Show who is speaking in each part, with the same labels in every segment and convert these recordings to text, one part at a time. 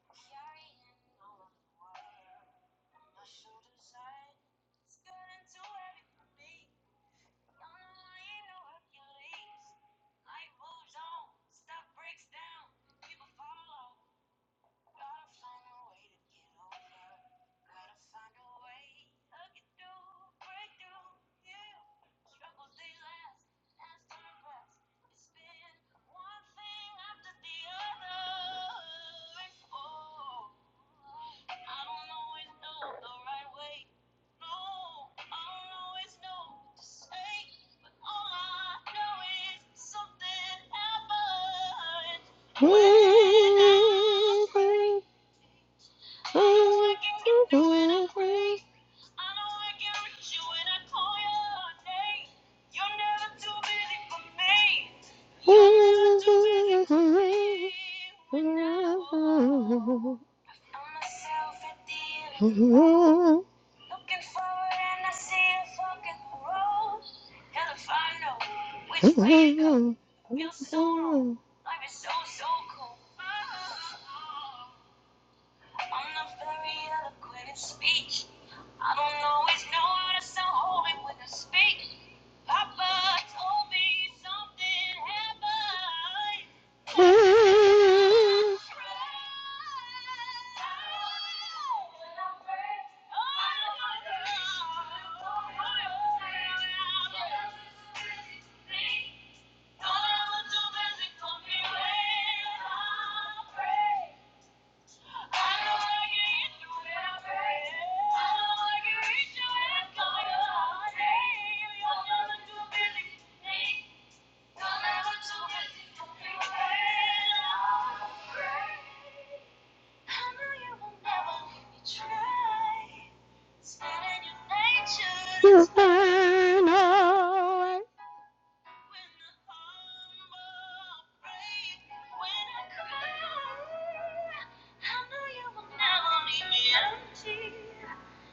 Speaker 1: My shoulders high, it's getting too heavy for me. Y'all know I ain't no Hercules. Life moves on, stuff breaks down, people fall off. Gotta find a way to get over. Gotta find a way to get through, break through. Yeah, struggles they last, last turn past. It's been one thing after the other. Oh, I don't always know the right way. No, I don't always know what to say. But all I know is something happened. Pray, pray, oh, I can do it. I pray. I know I can reach you when You're never too busy for me. You're never too busy for me. When I walk, I found myself at the end of the road. Looking forward and I see a fucking road. Hell if I know which way to go. I feel so wrong. Life is so, so cold. Oh, oh, oh. I'm not very eloquent in speech. I don't always know how to sound holy when I speak. Papa told me something happened. I cried. Thank you you will away. when the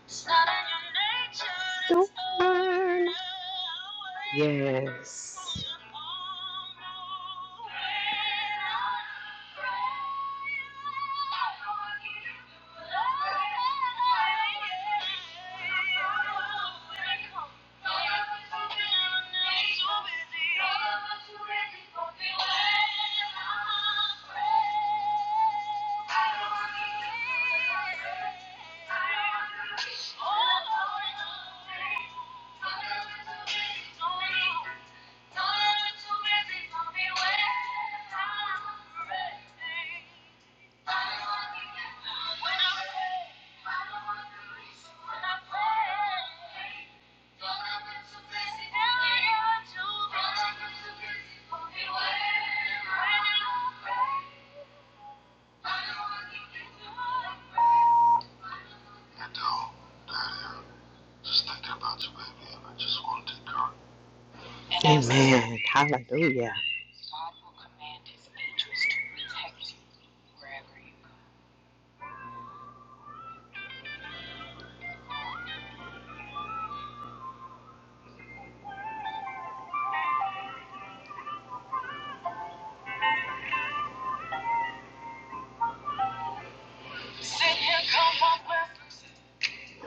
Speaker 1: Stubborn. Yes. Amen. Hallelujah.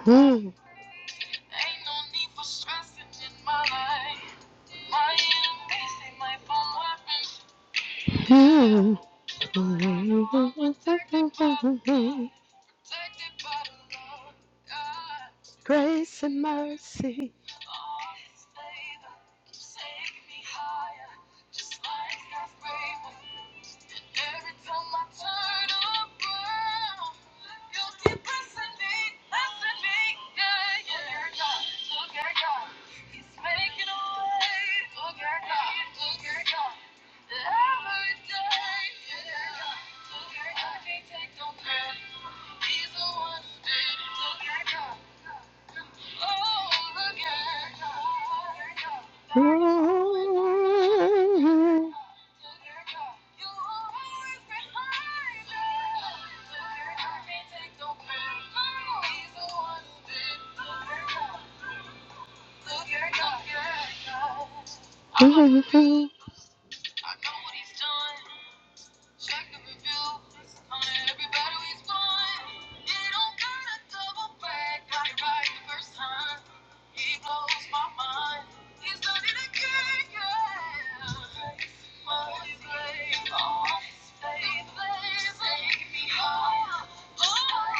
Speaker 1: Hmm. Grace and mercy. Mhm. I know what he's done. Check the review on everybody we've gone. It don't gotta double back, got it right the first time. He blows my mind. He's done it again, yeah. My slave, oh, slave, slave, make me whole. Oh,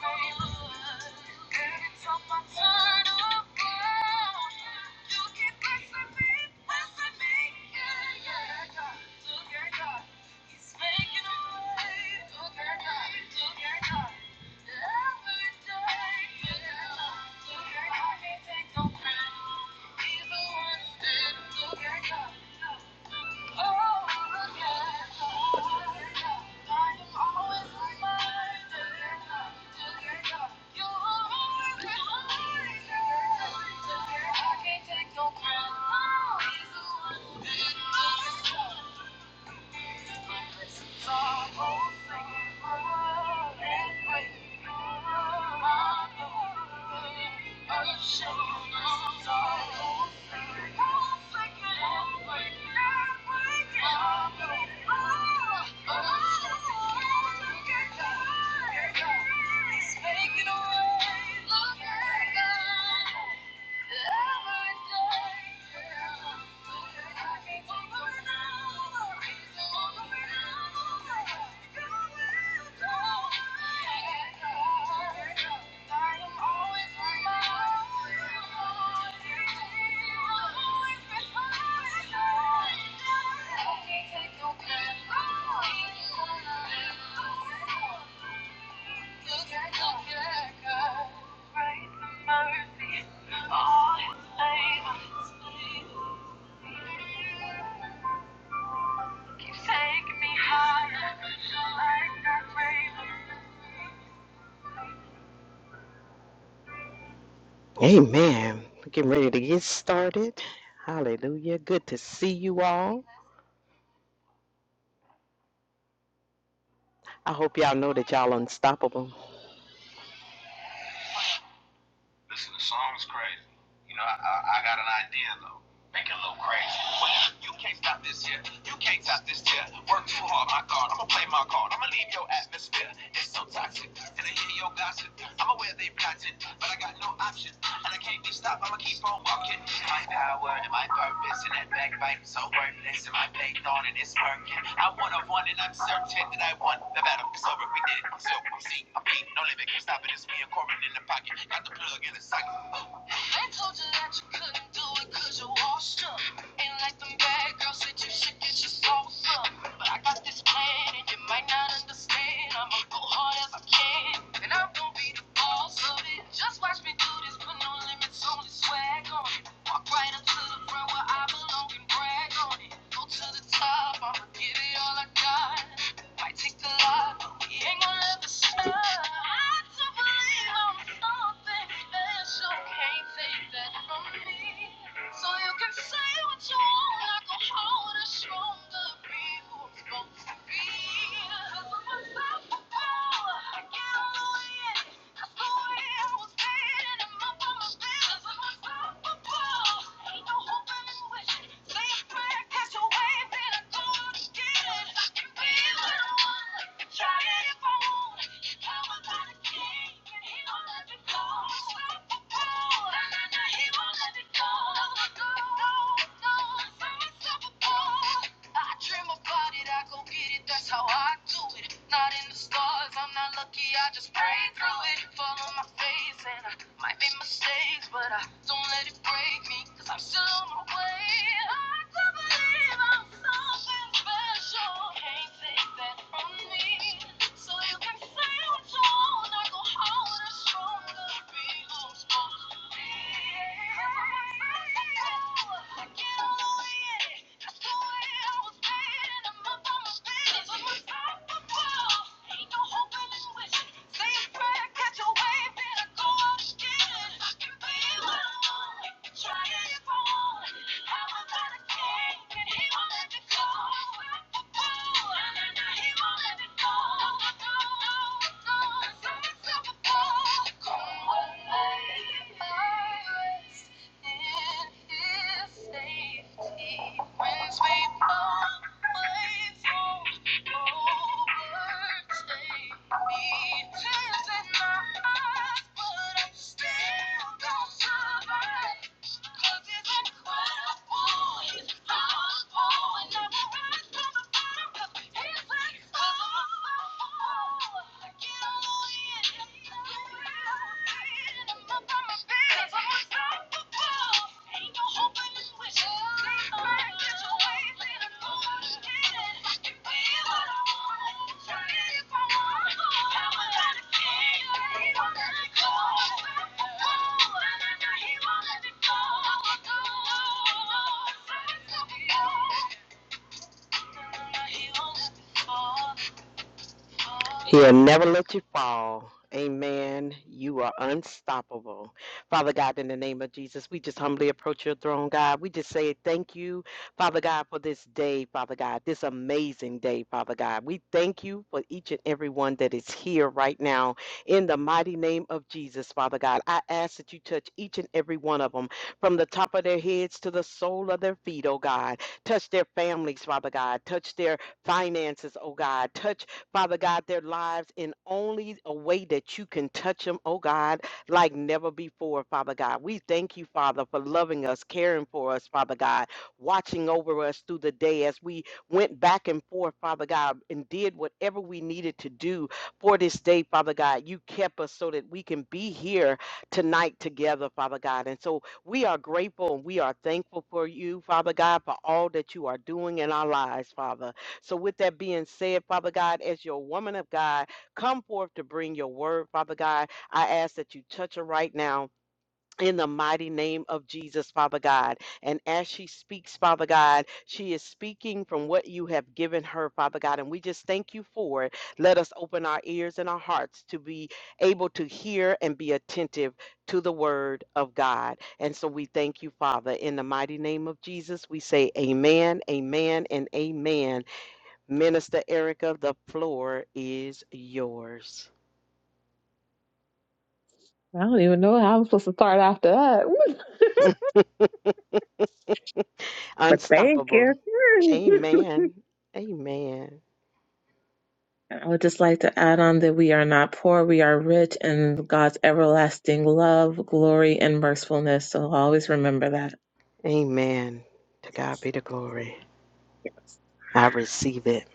Speaker 1: baby, Every time I turn around, you keep blessing me, blessing me, yeah, yeah, yeah, yeah. Take no crown. Oh, He's the one who did it. all. Speaking away, look at God. Amen. We're Getting ready to get started. Hallelujah. Good to see you all. I hope y'all know that y'all unstoppable. Listen, the song is crazy. You know, I, I, I got an idea though. Make it a little crazy. Well, you can't stop this here. You can't stop this here. Work too hard, my God. I'ma play my card. I'ma leave your atmosphere. It's so toxic. And I hear your gossip. I'm aware they've got it, but I got no option. And I can't be stopped. I'ma keep on walking. My power and my purpose and that backbiting so worthless. And my faith on and it's working. I want a one and I'm certain that I won. The battle is over. We did it. So see, I'm beat. No limit. Can't stop it. It's me and Corbin in the pocket. Got the plug in the socket. Ain't like the big girl said you should get your soul some. And you might not understand, I'ma go hard as I can. And I'm going be the boss of it. Just watch me do this, put no limits, only swag on it. Walk right up the front where I belong and brag on it. No time, i am give it all I got. I do believe I'm something special. Can't take that from me. So you can say what you want. Not gonna hold us strong be who we're supposed to be. Look for myself for power. I get all the Go. I dream about it, I go get it, that's how I do it. Not in the stars, I'm not lucky, I just pray through it. Follow my face, and I might make mistakes, but I don't let it break Cause I'm still on my way. I do believe I'm something special. Can't take that from me. So you can say what you want. I go hard and strong to be who's supposed to be. Cause I'm a successful. I get all the way in it. That's the way I was made. And I'm up on my business. I'm a top of Bye. Tears in my eyes, but i still gonna survive. Ain't no hope in this witch. Thank you. He'll never let you fall. Amen. You are unstoppable. Father God, in the name of Jesus, we just humbly approach your throne, God. We just say thank you, Father God, for this day, Father God, this amazing day, Father God. We thank you for each and every one that is here right now. In the mighty name of Jesus, Father God, I ask that you touch each and every one of them from the top of their heads to the sole of their feet, oh God. Touch their families, Father God. Touch their finances, oh God. Touch Father God, their lives in only a way that you can touch them, oh God, like never before, Father God. We thank you, Father, for loving us, caring for us, Father God, watching over us through the day as we went back and forth, Father God, and did whatever we needed to do for this day, Father God. You kept us so that we can be here tonight together, Father God. And so we are grateful and we are thankful for you, Father God, for all that you are doing in our lives, Father. So, with that being said, Father God, as your woman of God, come forth to bring your word, Father God. I ask that you touch her right now. In the mighty name of Jesus, Father God. And as she speaks, Father God, she is speaking from what you have given her, Father God. And we just thank you for it. Let us open our ears and our hearts to be able to hear and be attentive to the word of God. And so we thank you, Father. In the mighty name of Jesus, we say amen, amen, and amen. Minister Erica, the floor is yours.
Speaker 2: I don't even know how I'm supposed to start after that. But thank
Speaker 1: Unstoppable.
Speaker 2: you.
Speaker 1: Amen. Amen.
Speaker 2: I would just like to add on that we are not poor, we are rich in God's everlasting love, glory, and mercifulness. So always remember that.
Speaker 1: Amen. To God be the glory.
Speaker 2: Yes.
Speaker 1: I receive it.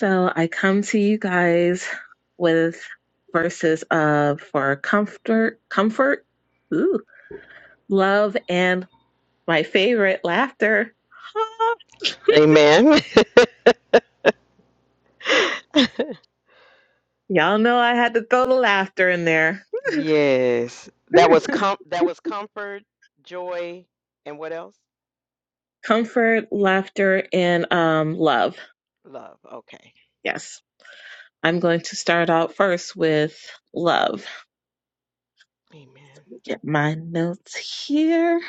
Speaker 2: So I come to you guys with verses of for comfort, comfort, ooh, love, and my favorite, laughter.
Speaker 1: Amen.
Speaker 2: Y'all know I had to throw the laughter in there.
Speaker 1: yes. That was com- that was comfort, joy, and what else?
Speaker 2: comfort, laughter, and um, love.
Speaker 1: Love. Okay.
Speaker 2: Yes. I'm going to start out first with love.
Speaker 1: Amen.
Speaker 2: Get my notes here.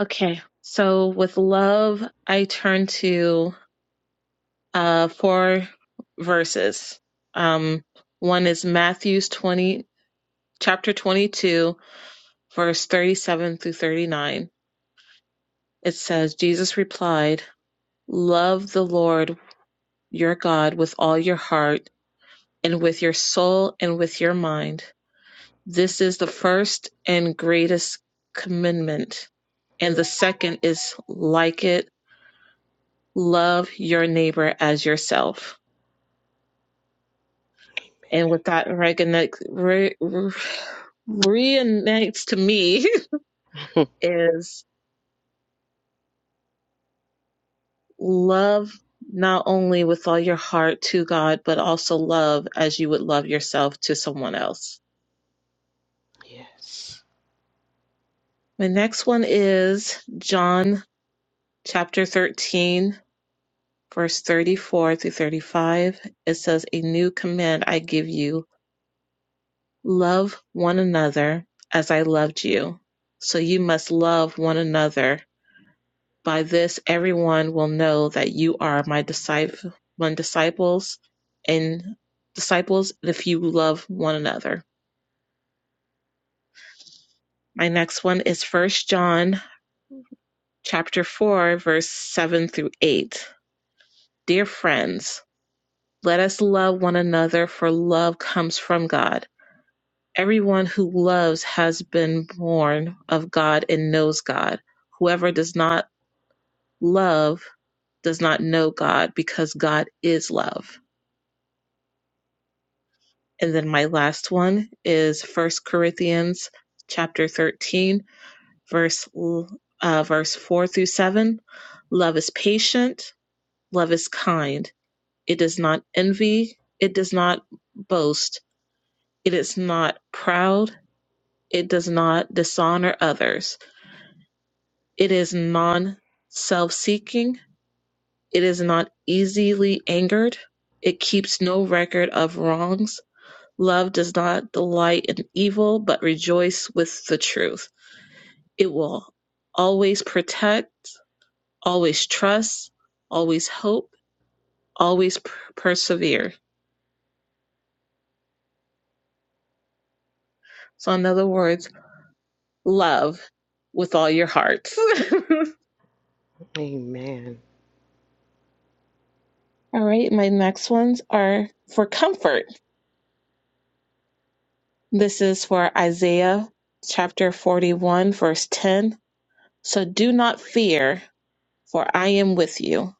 Speaker 2: Okay. So with love, I turn to uh, four verses. Um, one is Matthew's 20, chapter 22, verse 37 through 39. It says, Jesus replied, Love the Lord your God with all your heart and with your soul and with your mind. This is the first and greatest commandment. And the second is like it love your neighbor as yourself. And with that reconnect, re, re, reignites to me
Speaker 1: Amen.
Speaker 2: is love not only with all your heart to God, but also love as you would love yourself to someone else.
Speaker 1: yes.
Speaker 2: My next one is John chapter 13 verse 34 through 35, it says, A new command I give you love one another as I loved you. So you must love one another. By this, everyone will know that you are my disciple, my disciples and disciples if you love one another. My next one is First John chapter 4 verse 7 through 8. Dear friends, let us love one another for love comes from God. Everyone who loves has been born of God and knows God. Whoever does not love does not know God because God is love. And then my last one is First Corinthians chapter 13 verse uh, verse 4 through 7. Love is patient, love is kind. It does not envy, it does not boast, it is not proud, it does not dishonor others It is non self seeking. It is not easily angered. It keeps no record of wrongs. Love does not delight in evil, but rejoice with the truth. It will always protect, always trust, always hope, always p- persevere. So, in other words, love with all your heart.
Speaker 1: Amen.
Speaker 2: all right, my next ones are for comfort. This is for Isaiah chapter 41, verse 10. So do not fear, for I am with you.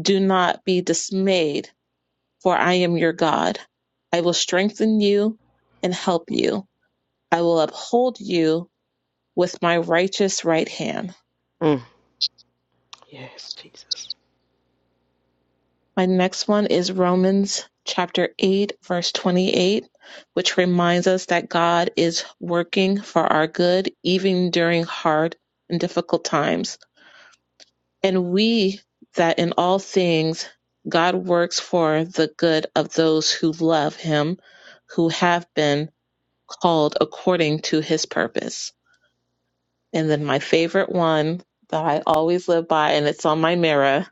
Speaker 2: Do not be dismayed, for I am your God. I will strengthen you and help you. I will uphold you with my righteous right hand.
Speaker 1: Mm, Yes, Jesus.
Speaker 2: My next one is Romans chapter 8, verse 28, which reminds us that God is working for our good even during hard and difficult times And we that in all things God works for the good of those who love him, who have been called according to his purpose. And then my favorite one that I always live by, and it's on my mirror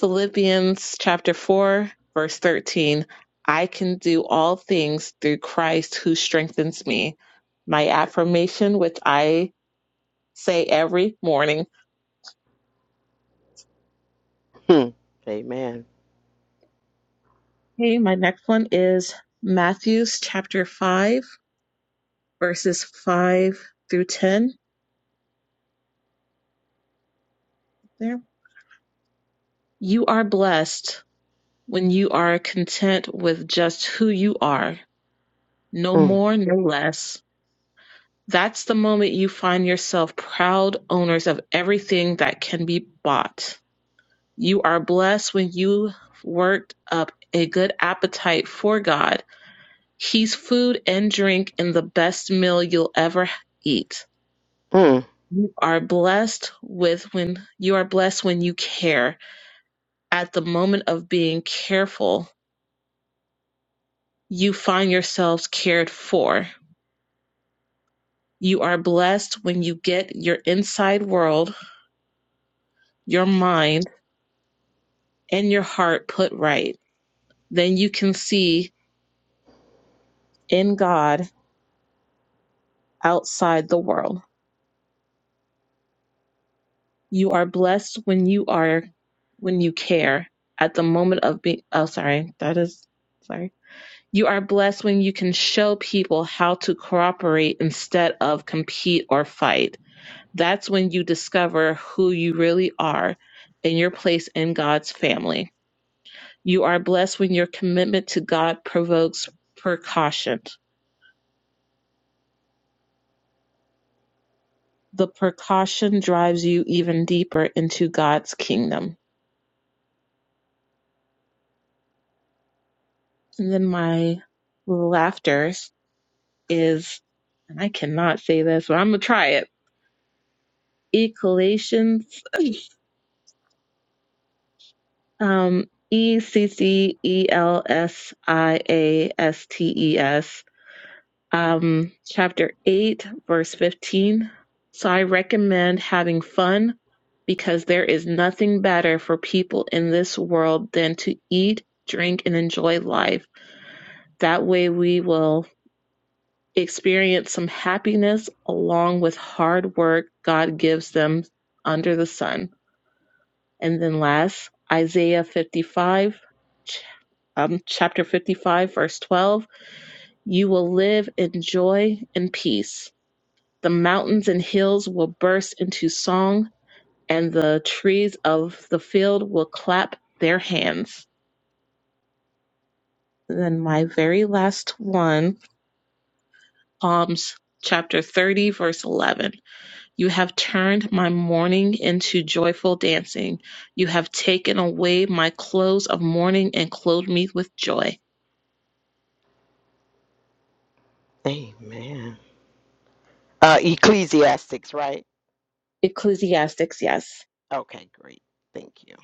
Speaker 2: Philippians chapter 4, verse 13. I can do all things through Christ who strengthens me. My affirmation, which I say every morning
Speaker 1: Amen.
Speaker 2: Okay, my next one is Matthew's chapter 5, verses 5 through 10. There. You are blessed when you are content with just who you are, no
Speaker 1: Mm,
Speaker 2: more, no less. That's the moment you find yourself proud owners of everything that can be bought. You are blessed when you worked up a good appetite for God. He's food and drink and the best meal you'll ever eat.
Speaker 1: mm.
Speaker 2: You are blessed with when you are blessed when you care. At the moment of being careful, you find yourselves cared for. You are blessed when you get your inside world, your mind, and your heart put right. Then you can see in God outside the world. You are blessed when you are when you care. At the moment of being oh sorry, that is sorry You are blessed when you can show people how to cooperate instead of compete or fight. That's when you discover who you really are and your place in God's family. You are blessed when your commitment to God provokes precaution. The precaution drives you even deeper into God's kingdom. And then my laughter is, and I cannot say this, but I'm going to try it. Ecolations Um, E C C E L S I A S T E S, um, chapter 8, verse 15. So I recommend having fun because there is nothing better for people in this world than to eat, drink, and enjoy life. That way we will experience some happiness along with hard work God gives them under the sun. And then last, Isaiah 55 um, chapter 55, verse 12. You will live in joy and peace. The mountains and hills will burst into song, and the trees of the field will clap their hands. And then, my very last one, Psalms chapter 30, verse 11. You have turned my mourning into joyful dancing. You have taken away my clothes of mourning and clothed me with joy.
Speaker 1: Amen. Uh, Ecclesiastics, right?
Speaker 2: Ecclesiastics, yes.
Speaker 1: Okay, great. Thank you.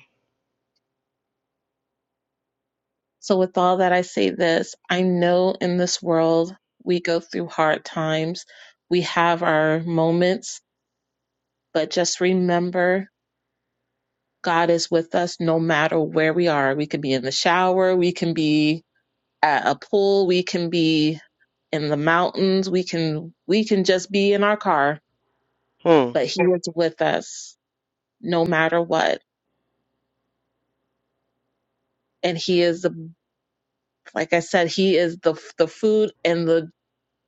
Speaker 2: So, with all that, I say this I know in this world we go through hard times, we have our moments, but just remember God is with us no matter where we are. We could be in the shower, we can be at a pool, we can be in the mountains, we can we can just be in our car,
Speaker 1: Mm.
Speaker 2: but he is with us no matter what. And he is the like I said, he is the the food and the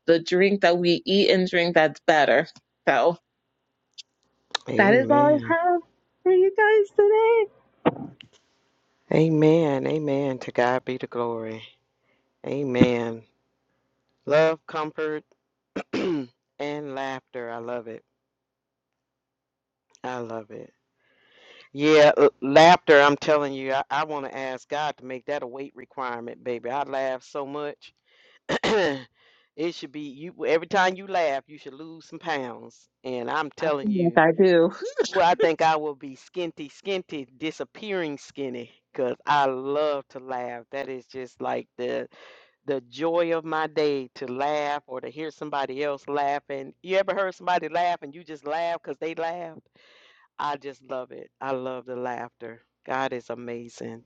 Speaker 2: the drink that we eat and drink that's better. So That is all I
Speaker 1: Amen.
Speaker 2: have for you guys today.
Speaker 1: Amen. Amen. To God be the glory. Amen. Love, comfort, and laughter. I love it. I love it. Yeah, uh, laughter. I'm telling you, I, I want to ask God to make that a weight requirement, baby. I laugh so much. it should be you. Every time you laugh, you should lose some pounds. And I'm
Speaker 2: I
Speaker 1: telling
Speaker 2: feel like
Speaker 1: you.
Speaker 2: I do.
Speaker 1: Well, I think I will be skinty, skinty, disappearing skinny, 'cause I love to laugh. That is just like the the joy of my day to laugh or to hear somebody else laughing. You ever heard somebody laugh and you just laugh 'cause they laughed? I just love it. I love the laughter. God is amazing.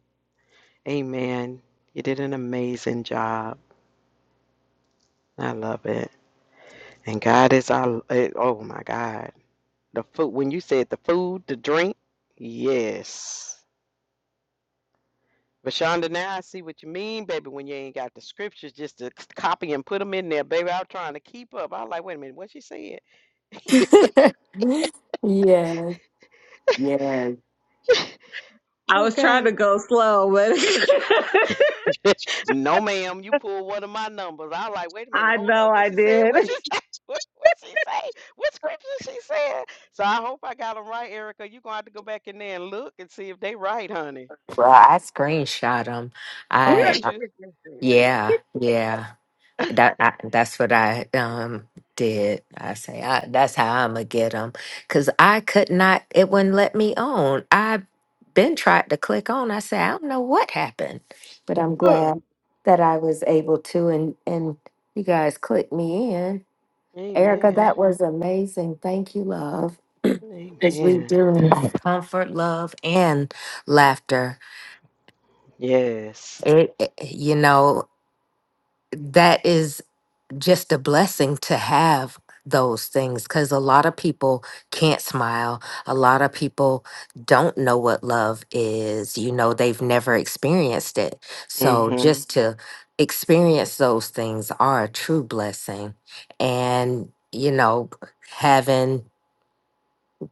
Speaker 1: Amen. You did an amazing job. I love it. And God is our, eh, oh my God. The food, when you said the food, the drink, yes. But Shonda, now I see what you mean, baby, when you ain't got the scriptures just to c- copy and put them in there, baby. I was trying to keep up. I was like, wait a minute, what she said?
Speaker 3: Yes, yes.
Speaker 2: I was trying
Speaker 1: Okay.
Speaker 2: to go slow, but
Speaker 1: no, ma'am, you pulled one of my numbers. I was like, wait a minute,
Speaker 2: I
Speaker 1: hold
Speaker 2: know
Speaker 1: up. What
Speaker 2: I
Speaker 1: she said?
Speaker 2: did.
Speaker 1: What she said? What what she say? What scripture she said? So I hope I got them right, Erica. you are going to have to go back in there and look and see if they right, honey.
Speaker 3: Well, I screenshot them.
Speaker 1: Oh,
Speaker 3: I
Speaker 1: did
Speaker 3: uh,
Speaker 1: you?
Speaker 3: yeah, yeah. That I, that's what I um did. I say I, that's how I'm gonna get them because I could not. It wouldn't let me on. I been tried to click on. I said I don't know what happened, but I'm
Speaker 1: Huh.
Speaker 3: glad that I was able to and and you guys clicked me in. Erica,
Speaker 1: Amen.
Speaker 3: that was amazing. Thank you, love. Because we
Speaker 1: Amen.
Speaker 3: do need comfort, love, and laughter.
Speaker 1: Yes.
Speaker 3: It, it- you know, that is just a blessing to have those things because a lot of people can't smile. A lot of people don't know what love is. You know, they've never experienced it. So
Speaker 1: Mm-hmm.
Speaker 3: just to experience those things are a true blessing. And, you know, having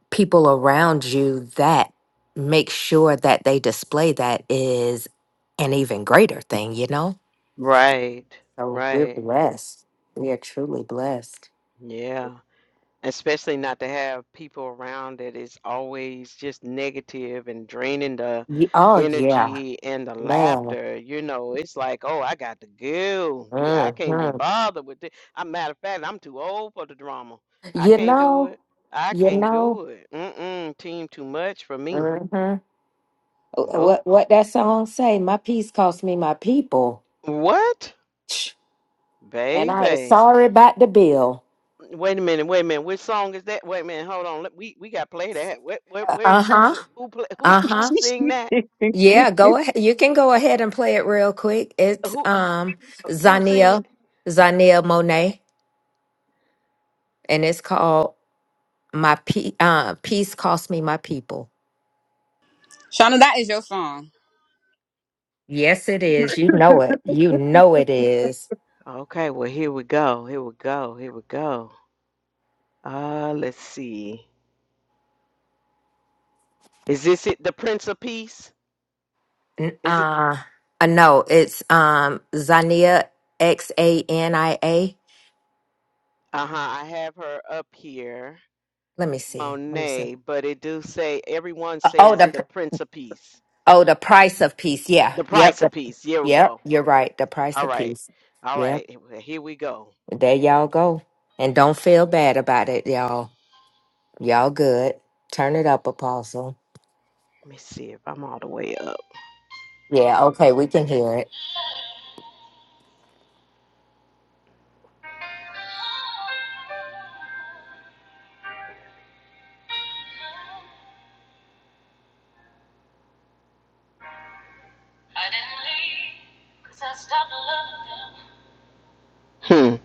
Speaker 3: people around you that make sure that they display that is an even greater thing, you know?
Speaker 1: Right.
Speaker 3: So we're
Speaker 1: Right.
Speaker 3: blessed. We are truly blessed.
Speaker 1: Yeah. especially not to have people around that is always just negative and draining the
Speaker 3: Ye- Oh, yeah,
Speaker 1: energy and the
Speaker 3: man.
Speaker 1: laughter you know it's like oh i got to go we i can't be
Speaker 3: hmm
Speaker 1: bothered with this a matter of fact i'm too old for the drama i
Speaker 3: You
Speaker 1: can't do
Speaker 3: know,
Speaker 1: it i
Speaker 3: you
Speaker 1: can't
Speaker 3: know,
Speaker 1: do it mm-mm team too much for me
Speaker 3: hmm
Speaker 1: nope
Speaker 3: what, what that song say? My peace cost me my people.
Speaker 1: what
Speaker 3: Tch, And I ain't
Speaker 1: baby
Speaker 3: sorry about the bill.
Speaker 1: wait a minute wait a minute which song is that wait a minute hold on let- we we got to play that what where,
Speaker 3: Uh
Speaker 1: where's
Speaker 3: huh.
Speaker 1: where, who play who
Speaker 3: Uh huh.
Speaker 1: who sing that
Speaker 3: Yeah, go ahead. You can go ahead and play it real quick. It's
Speaker 1: who.
Speaker 3: um
Speaker 1: Who sing
Speaker 3: Zania
Speaker 1: it?
Speaker 3: Zania Monet, and it's called "My Pe- uh, Peace Cost Me My People."
Speaker 4: Shauna, that is your song.
Speaker 3: Yes, it is. You know it. You know it is.
Speaker 1: Okay, well here we go. Here we go. Here we go. Uh let's see. Is this it the Prince of Peace?
Speaker 3: N-
Speaker 1: Is it
Speaker 3: Uh, uh no, it's um Zania X A N I A.
Speaker 1: uh-huh. I have her up here.
Speaker 3: Let me see. Let me see.
Speaker 1: Monet, but it do say everyone
Speaker 3: Uh, Oh,
Speaker 1: says
Speaker 3: the
Speaker 1: the
Speaker 3: pr-
Speaker 1: Prince of Peace.
Speaker 3: oh the price of peace. Yeah.
Speaker 1: The
Speaker 3: Yep.
Speaker 1: price of
Speaker 3: The,
Speaker 1: peace. Here we
Speaker 3: yep.
Speaker 1: go.
Speaker 3: You're right. The price
Speaker 1: All
Speaker 3: of
Speaker 1: right.
Speaker 3: peace.
Speaker 1: All right. Here we here we go.
Speaker 3: There y'all go. And don't feel bad about it, y'all. Y'all good. Turn it up, Apostle.
Speaker 1: Let me see if I'm all the way up.
Speaker 3: Yeah, okay, we can hear it.
Speaker 1: Suddenly, 'cause I stopped loving them. Hmm.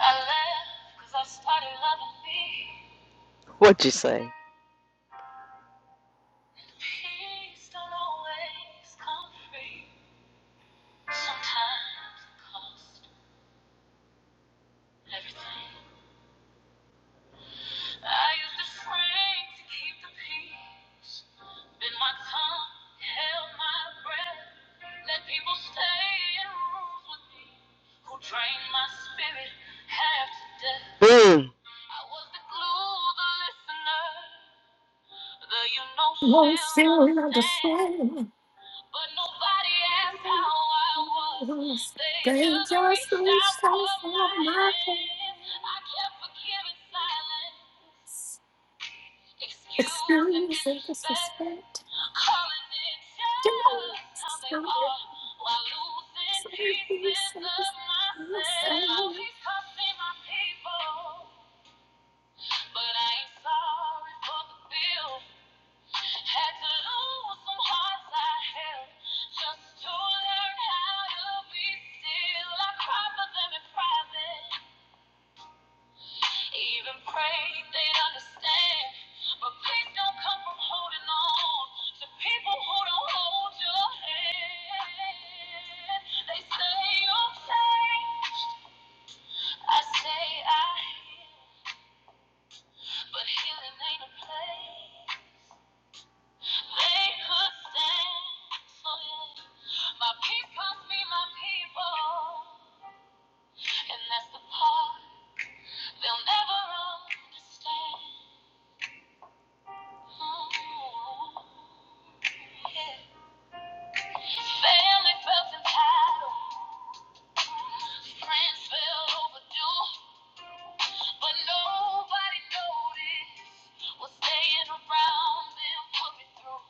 Speaker 1: I laugh 'cause I started loving me. What'd you say? And Peace don't always come free. Sometimes it costs everything. I used to scream to keep the peace. Bit my tongue, held my breath. Let people stay in rooms with me who drained my spirit half to death. Hmm. I was the glue, the listener. Uh, you know
Speaker 3: Won't
Speaker 1: she'll
Speaker 3: feel like the
Speaker 1: understand.
Speaker 3: same.
Speaker 1: But nobody asked how I was. They
Speaker 3: They
Speaker 1: just
Speaker 3: just
Speaker 1: reached out
Speaker 3: reached out
Speaker 1: for
Speaker 3: for
Speaker 1: my
Speaker 3: my
Speaker 1: hand. I
Speaker 3: hands.
Speaker 1: kept forgiving silence, excuse and
Speaker 3: Experience and
Speaker 1: disrespect.
Speaker 3: disrespect.
Speaker 1: Calling it just how they are while losing pieces of myself. My peace cost me my people, but I ain't sorry for the bill. Had to lose some hearts I held just to learn how to be still. I cried for them in private, even prayed they'd understand. But peace don't come from holding on to people who don't hold your hand. They say you'll change, I say I heal, but healing ain't a place. They could stand My people be my people. And that's the part they'll never understand. Mm. Yeah. Family felt entitled. Friends felt overdue. But nobody noticed was staying around and put me through.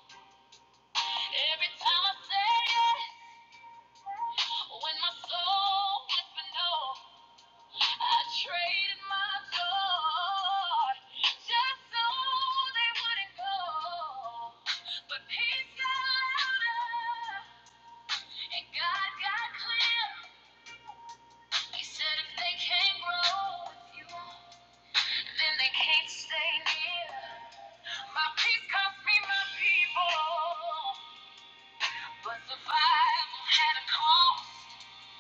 Speaker 1: Every time I say yes, when my soul whispered no. I traded my thoughts just so they wouldn't go. But peace out, and God got clear. He said if they can't grow with you, then they can't stay near. My peace cost me my people, but survival had a cost.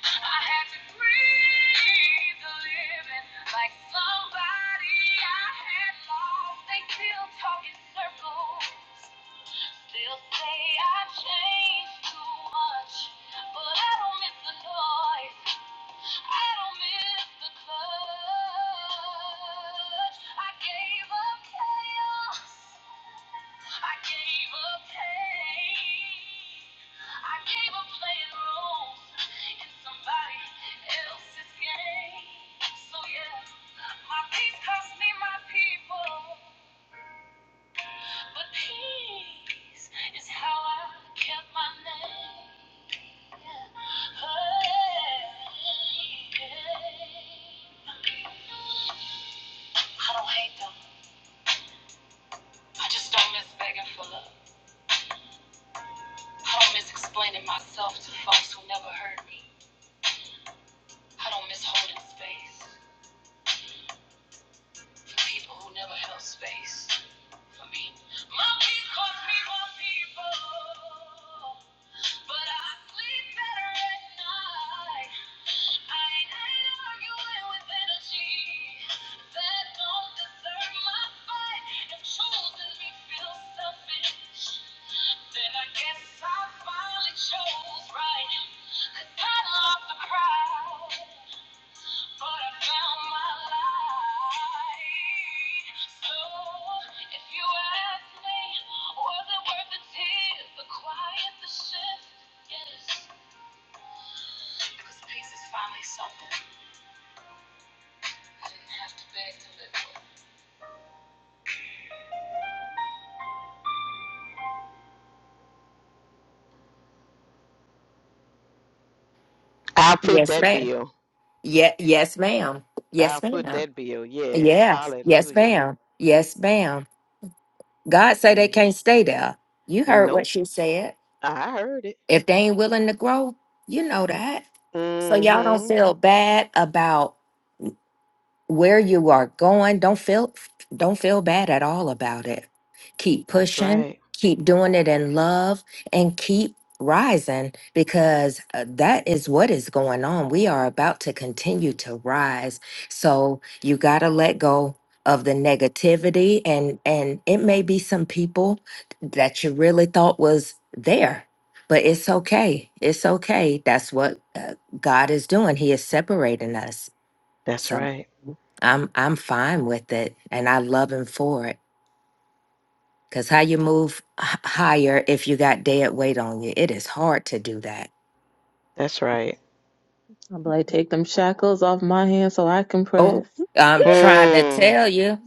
Speaker 1: I had to breathe the living like somebody I had lost. They still talk circles. They'll say I changed too much, but I don't miss the noise. I don't miss the clutch. I gave up chaos. I gave up playing. I gave up playing roles in somebody else's game. So yeah, my peace cost me my people, but peace is how I kept my name. I don't hate them. I just don't miss begging for love. I don't miss explaining myself to folks who never heard me. I don't miss holding space for people who never held space for me. My peace cost me more people, but I sleep better at night. I ain't arguing with energy that don't deserve my fight. If choosing me feels selfish, then I guess I finally chose right. 'Cause I love the crowd. So Yes. I'll put
Speaker 3: Yes,
Speaker 1: that
Speaker 3: ma'am.
Speaker 1: bill.
Speaker 3: Yeah, yes, ma'am.
Speaker 1: I'll
Speaker 3: Yes,
Speaker 1: put
Speaker 3: ma'am.
Speaker 1: that bill. Yes.
Speaker 3: Yeah. Yes,
Speaker 1: Hallelujah.
Speaker 3: ma'am. Yes, ma'am. God say they
Speaker 1: Yeah.
Speaker 3: can't stay there. You heard what
Speaker 1: Nope.
Speaker 3: she said.
Speaker 1: I heard it.
Speaker 3: If they ain't willing to grow, you know that. So y'all don't
Speaker 1: Mm-hmm.
Speaker 3: feel bad about where you are going don't feel don't feel bad at all about it keep
Speaker 1: That's
Speaker 3: pushing
Speaker 1: right.
Speaker 3: keep doing it in love and keep rising because uh, that is what is going on we are about to continue to rise so you got to let go of the negativity and and it may be some people that you really thought was there but it's okay it's okay that's what uh, god is doing he is separating us
Speaker 1: That's
Speaker 3: so
Speaker 1: right.
Speaker 3: I'm I'm fine with it, and I love him for it. Cause how you move h- higher if you got dead weight on you? It is hard to do that.
Speaker 1: That's right.
Speaker 2: I'm like, take them shackles off my hands so I can pray.
Speaker 3: Oh, I'm trying to
Speaker 1: Hmm.
Speaker 3: tell you.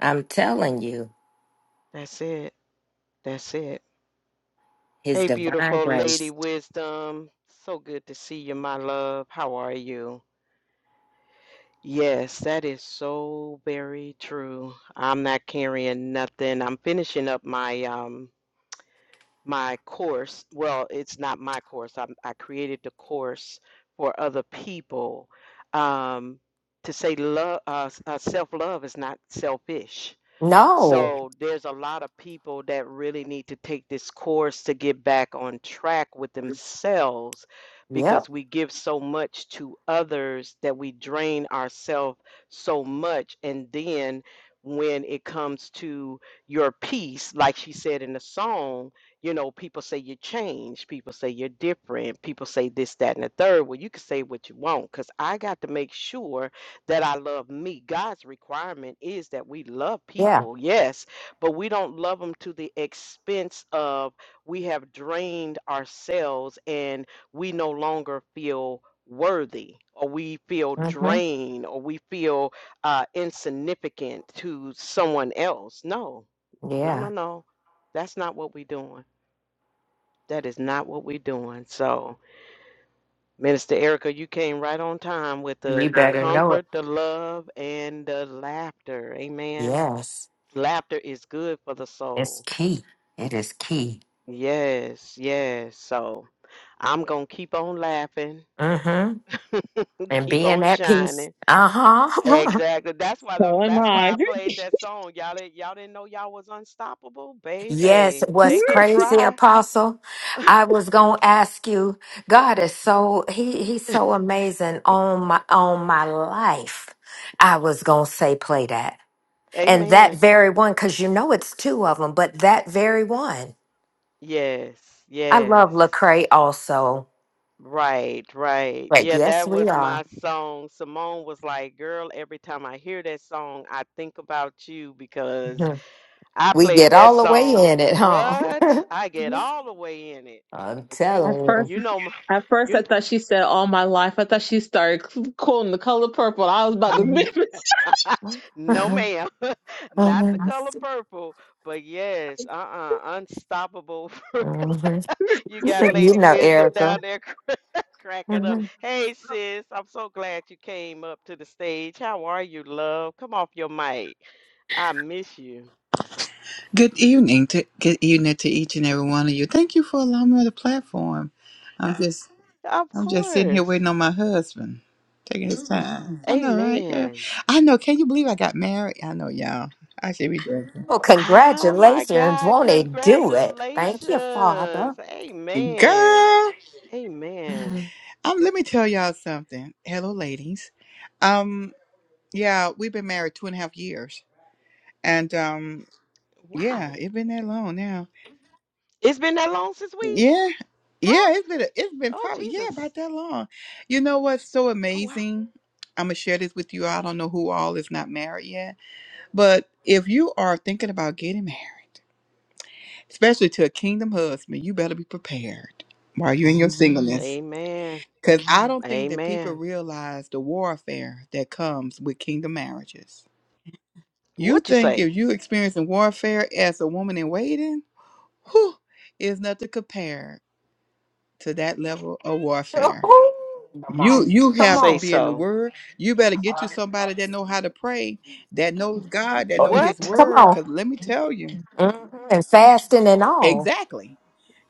Speaker 3: I'm telling you,
Speaker 1: That's it. That's it.
Speaker 3: His
Speaker 1: Hey,
Speaker 3: divine
Speaker 1: beautiful lady
Speaker 3: grace.
Speaker 1: wisdom. So good to see you, my love. How are you? Yes, that is so very true. I'm not carrying nothing. I'm finishing up my um my course. Well, it's not my course. I I created the course for other people. Um to say love uh, uh self-love is not selfish
Speaker 3: No.
Speaker 1: so there's a lot of people that really need to take this course to get back on track with themselves
Speaker 3: Yep.
Speaker 1: because we give so much to others that we drain ourselves so much and then when it comes to your peace like she said in the song you know people say you change people say you're different people say this that and the third well you can say what you want because i got to make sure that I love me. God's requirement is that we love
Speaker 3: Yeah.
Speaker 1: people, yes, but we don't love them to the expense of we have drained ourselves and we no longer feel worthy or we feel
Speaker 3: Mm-hmm.
Speaker 1: drained or we feel uh, insignificant to someone else. No, no, no,
Speaker 3: Yeah.
Speaker 1: no. That's not what we're doing. That is not what we're doing. So. Minister Erica, you came right on time with
Speaker 3: You
Speaker 1: the, the
Speaker 3: better know it.
Speaker 1: comfort, the love, and the laughter. Amen.
Speaker 3: Yes,
Speaker 1: Laughter is good for the
Speaker 3: it's
Speaker 1: soul.
Speaker 3: key. It is key.
Speaker 1: Yes, yes. So I'm going to keep on laughing,
Speaker 3: Mm-hmm. And
Speaker 1: keep
Speaker 3: being
Speaker 1: on
Speaker 3: at peace.
Speaker 1: shining.
Speaker 3: Uh huh.
Speaker 1: Exactly. That's why the,
Speaker 2: So am
Speaker 1: that's why
Speaker 2: I.
Speaker 1: I played that song. Y'all didn't, y'all didn't know y'all was unstoppable,
Speaker 3: Yes,
Speaker 1: baby.
Speaker 3: what's
Speaker 1: They can
Speaker 3: crazy,
Speaker 1: try.
Speaker 3: Apostle? I was gonna ask you. God is so he he's so amazing on my on my life. I was gonna say play that and that
Speaker 1: Amen.
Speaker 3: very one because you know it's two of them, but that very one.
Speaker 1: Yes,
Speaker 3: I love
Speaker 1: yes.
Speaker 3: Lecrae also.
Speaker 1: Right, right.
Speaker 3: But
Speaker 1: Yeah,
Speaker 3: yes,
Speaker 1: that
Speaker 3: we
Speaker 1: was my
Speaker 3: are.
Speaker 1: song. Simone was like, Girl, every time I hear that song, I think about you because
Speaker 3: Mhm.
Speaker 1: I
Speaker 3: We get
Speaker 1: played that
Speaker 3: all the way
Speaker 1: song.
Speaker 3: in it, huh?
Speaker 1: What? I get all the way in it.
Speaker 3: I'm
Speaker 1: But you,
Speaker 2: At
Speaker 3: telling you.
Speaker 2: first,
Speaker 1: you know, my-
Speaker 2: at first, I
Speaker 1: you,
Speaker 2: thought she said all my life. I thought she started quoting the color purple. I was about to
Speaker 3: Mhm.
Speaker 2: miss it.
Speaker 1: kn- no, ma'am, not the
Speaker 3: Mhm.
Speaker 1: color purple, but yes, uh-uh, unstoppable.
Speaker 3: Mhm.
Speaker 1: You got
Speaker 3: You
Speaker 1: Lady
Speaker 3: know,
Speaker 1: Wisdom down
Speaker 3: Erica.
Speaker 1: there cracking up. Hey, sis, I'm so glad you came up to the stage. How are you, love? Come off your mic. I miss you.
Speaker 5: Good evening to good evening to each and every one of you. Thank you for allowing me the platform. I'm just
Speaker 1: Of
Speaker 5: I'm just sitting here
Speaker 1: course.
Speaker 5: waiting on my husband, taking his time. I know, right, girl?
Speaker 1: Amen.
Speaker 5: I know. Can you believe I got married? I know, y'all. I should be drinking,
Speaker 3: Oh,
Speaker 1: Oh my
Speaker 3: congratulations.
Speaker 1: God.
Speaker 3: Won't it do it? Thank
Speaker 1: Congratulations.
Speaker 3: you, Father.
Speaker 1: Amen.
Speaker 5: girl.
Speaker 1: Amen.
Speaker 5: Um, let me tell y'all something. Hello, ladies. Um, yeah, we've been married two and a half years, and um, yeah,
Speaker 1: Wow.
Speaker 5: it's been that long now
Speaker 1: It's been that long since we
Speaker 5: Yeah.
Speaker 1: talked.
Speaker 5: Yeah, it's been it's been
Speaker 1: Oh,
Speaker 5: probably yeah,
Speaker 1: Jesus.
Speaker 5: about that long. You know what's so
Speaker 1: Oh, wow.
Speaker 5: amazing? I'm gonna share this with you. I don't know who all is not married yet, but if you are thinking about getting married, especially to a kingdom husband, you better be prepared while you're in your Amen. singleness.
Speaker 1: Amen.
Speaker 5: Cause I don't think that people
Speaker 1: Amen.
Speaker 5: realize the warfare that comes with kingdom marriages. You
Speaker 1: What you
Speaker 5: think
Speaker 1: say?
Speaker 5: if you experiencing warfare as a woman in waiting, whew, is nothing compared to that level of
Speaker 3: Oh,
Speaker 5: warfare.
Speaker 3: come
Speaker 5: You
Speaker 3: on.
Speaker 5: you
Speaker 3: Come
Speaker 5: have to
Speaker 1: Say
Speaker 3: on.
Speaker 5: be in the
Speaker 1: so.
Speaker 5: word. You better get you somebody that know how to pray, that knows God, that know
Speaker 3: Oh,
Speaker 5: his
Speaker 1: What?
Speaker 3: Come
Speaker 5: word.
Speaker 3: on.
Speaker 5: Cause let me tell you.
Speaker 3: Mhm. And fasting and all.
Speaker 5: Exactly.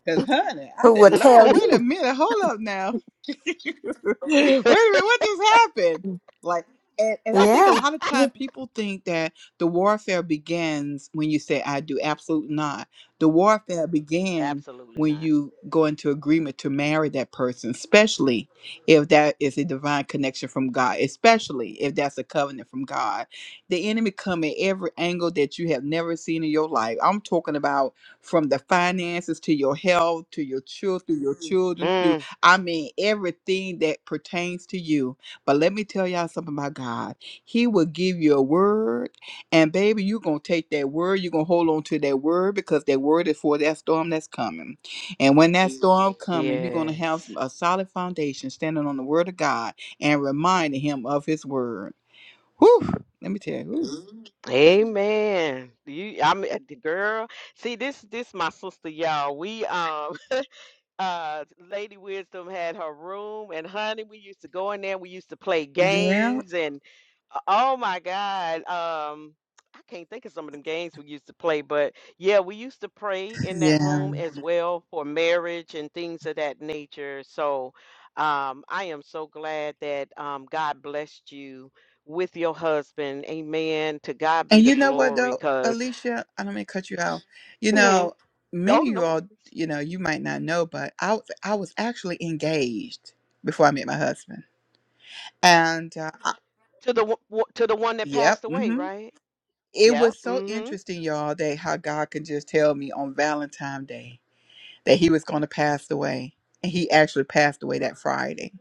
Speaker 5: Cause honey, I
Speaker 3: Who
Speaker 5: said,
Speaker 3: will
Speaker 5: Lord,
Speaker 3: tell
Speaker 5: wait a
Speaker 3: you?
Speaker 5: minute, hold up now. wait a minute, what just happened? Like and, and I think
Speaker 3: Yeah.
Speaker 5: a lot of time people think that the warfare begins when you say I do. Absolutely not. The warfare began
Speaker 1: Absolutely
Speaker 5: when
Speaker 1: not.
Speaker 5: you go into agreement to marry that person, especially if that is a divine connection from God, especially if that's a covenant from God. The enemy come at every angle that you have never seen in your life. I'm talking about from the finances to your health to your children, your Mm. children, through I mean everything that pertains to you. But let me tell y'all something about God. He will give you a word, and baby, you're gonna take that word, you're gonna hold on to that word because that word is for that storm that's coming. And when that Mm. storm coming, you're gonna have
Speaker 1: Yes.
Speaker 5: some, a solid foundation standing on the word of God and reminding him of his word. Whew, let me tell you. whew.
Speaker 1: Amen. You I mean the girl. See this this my sister, y'all. We um uh Lady Wisdom had her room and honey, we used to go in there, we used to play
Speaker 5: Yeah,
Speaker 1: games Uh, Oh my God. Um, I can't think of some of them games we used to play, but yeah, we used to pray in that
Speaker 5: yeah.
Speaker 1: room as well for marriage and things of that nature. So um, I am so glad that um, God blessed you with your husband. Amen. To God be
Speaker 5: And
Speaker 1: the
Speaker 5: you know what
Speaker 1: glory,
Speaker 5: though,
Speaker 1: because
Speaker 5: Alicia, I don't mean to cut you out. You
Speaker 1: hmm
Speaker 5: know,
Speaker 1: oh
Speaker 5: many of
Speaker 1: no
Speaker 5: you all,
Speaker 1: worries.
Speaker 5: you know, you might not know, but I was I was actually engaged before I met my husband. And uh,
Speaker 1: To the wo- wo- to the one that
Speaker 5: yep,
Speaker 1: passed away,
Speaker 5: mm-hmm.
Speaker 1: right?
Speaker 5: It
Speaker 1: Yeah.
Speaker 5: was so
Speaker 1: Mm-hmm.
Speaker 5: interesting, y'all, that how God could just tell me on Valentine's Day that he was going to pass away, and he actually passed away that Friday.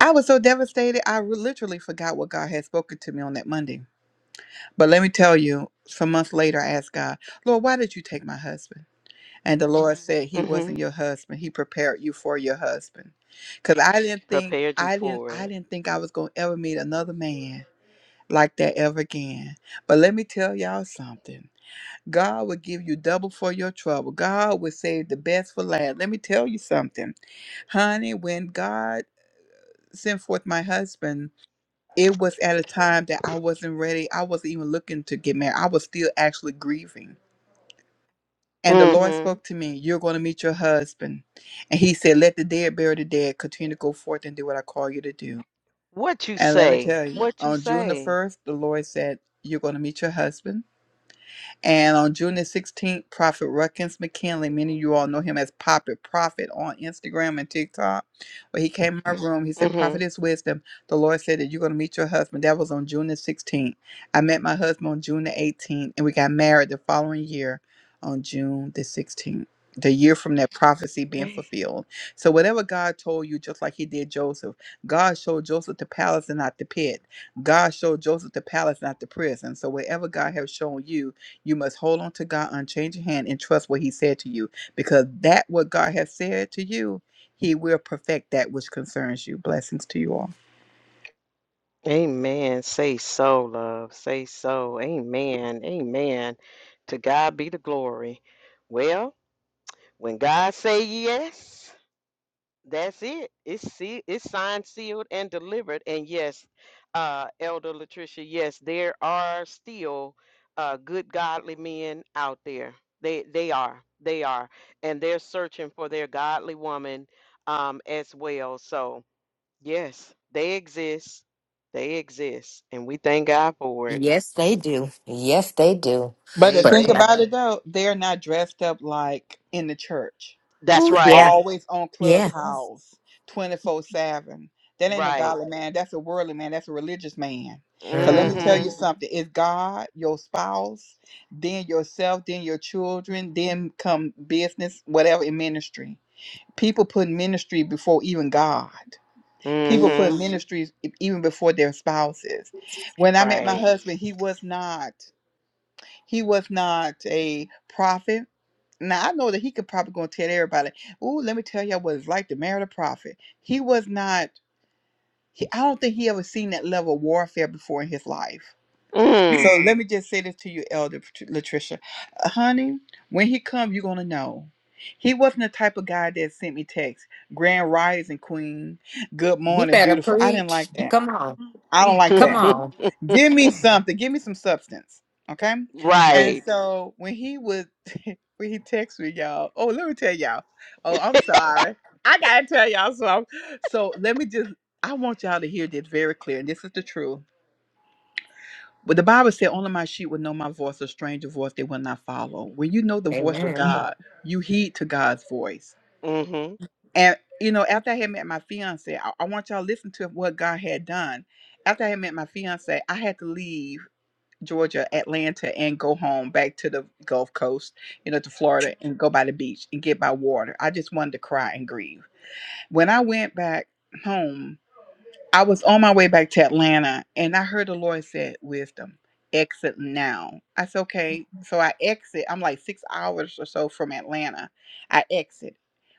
Speaker 5: I was so devastated, I re- literally forgot what God had spoken to me on that Monday. But let me tell you, some months later, I asked God, Lord, why did you take my husband? And the Lord said he
Speaker 1: Mm-hmm.
Speaker 5: wasn't your husband. He prepared you for your husband. Cause I didn't think
Speaker 1: Prepared you
Speaker 5: I didn't
Speaker 1: for
Speaker 5: I
Speaker 1: it.
Speaker 5: didn't think I was gonna ever meet another man like that ever again. But let me tell y'all something. God will give you double for your trouble. God will save the best for last. Let me tell you something. Honey, when God sent forth my husband, it was at a time that I wasn't ready. I wasn't even looking to get married. I was still actually grieving. And the Lord
Speaker 1: Mm-hmm.
Speaker 5: spoke to me, You're going to meet your husband. And he said, Let the dead bury the dead. Continue to go forth and do what I call you to do.
Speaker 1: What you
Speaker 5: And let me
Speaker 1: say?
Speaker 5: tell you,
Speaker 1: What you
Speaker 5: on June the
Speaker 1: say?
Speaker 5: 1st, the Lord said, You're going to meet your husband. And on June the 16th, Prophet Ruckins McKinley, many of you all know him as Poppet Prophet on Instagram and TikTok. When he came in my room, he said, Prophet
Speaker 1: Mm-hmm.
Speaker 5: is wisdom. The Lord said that you're going to meet your husband. That was on June the 16th. I met my husband on June the 18th, and we got married the following year on June the 16th. The year from that prophecy being fulfilled. So, whatever God told you, just like He did Joseph, God showed Joseph the palace and not the pit. God showed Joseph the palace, not the prison. So, whatever God has shown you, you must hold on to God unchanging hand and trust what He said to you, because that what God has said to you, He will perfect that which concerns you. Blessings to you all.
Speaker 1: Amen. Say so, love. Say so. Amen. Amen. To God be the glory. Well, when God say yes, that's it. It's see it's signed, sealed, and delivered. And yes, uh, Elder Latricia, yes, there are still uh good godly men out there. They they are. They are. And they're searching for their godly woman um as well. So Yes, they exist. They exist, and we thank God for it.
Speaker 3: Yes, they do. Yes, they do.
Speaker 5: But the
Speaker 3: But,
Speaker 5: thing
Speaker 3: uh,
Speaker 1: Amen.
Speaker 5: about it though, they're not dressed up like in the church,
Speaker 1: That's
Speaker 3: ooh, yeah.
Speaker 1: right.
Speaker 5: always on
Speaker 3: Yeah.
Speaker 5: clubhouse, twenty four seven. That ain't no
Speaker 1: Right.
Speaker 5: godly man. That's a worldly man. That's a religious man. Cause let me
Speaker 3: Mhm.
Speaker 5: tell you
Speaker 1: Mm-hmm.
Speaker 5: something: it's God, your spouse, then yourself, then your children, then come business, whatever in ministry. People put ministry before even God. People put
Speaker 1: Mm-hmm.
Speaker 5: ministries e- even before their spouses. When I met my
Speaker 1: Right.
Speaker 5: husband, he was not he was not a prophet. Now I know that he could probably gonna tell everybody, "Ooh, let me tell y'all what it's like to marry a prophet." He was not. He, I don't think he ever seen that level of warfare before in his life
Speaker 1: Mm.
Speaker 5: so let me just say this to you, Elder Pat- Latricia. Uh, Honey, when he come, you're gonna know. He wasn't the type of guy that sent me texts, Grand Rising Queen, Good
Speaker 3: You
Speaker 5: morning,
Speaker 3: better
Speaker 5: beautiful. I didn't
Speaker 3: preach.
Speaker 5: like that.
Speaker 3: Come on.
Speaker 5: I don't like
Speaker 3: Come
Speaker 5: that.
Speaker 3: on.
Speaker 5: Give me something. Give me some substance. Okay. And
Speaker 1: Right.
Speaker 5: so when he would when he texted me, y'all, oh, let me tell y'all. Oh, I'm sorry. I gotta tell y'all something. So let me just I want y'all to hear this very clear. And this is the truth but the Bible said, Only my sheep will know my voice, a stranger voice they will not follow. When you know the voice of
Speaker 3: Amen.
Speaker 5: God, you heed to God's voice.
Speaker 1: Mm-hmm.
Speaker 5: And, you know, after I had met my fiance, I, I want y'all to listen to what God had done. After I had met my fiance, I had to leave Georgia, Atlanta, and go home back to the Gulf Coast, you know, to Florida and go by the beach and get by water. I just wanted to cry and grieve. When I went back home, I was on my way back to Atlanta and I heard the Lord said, Wisdom, exit now. I said, Okay. So I exit. I'm like six hours or so from Atlanta. I exit.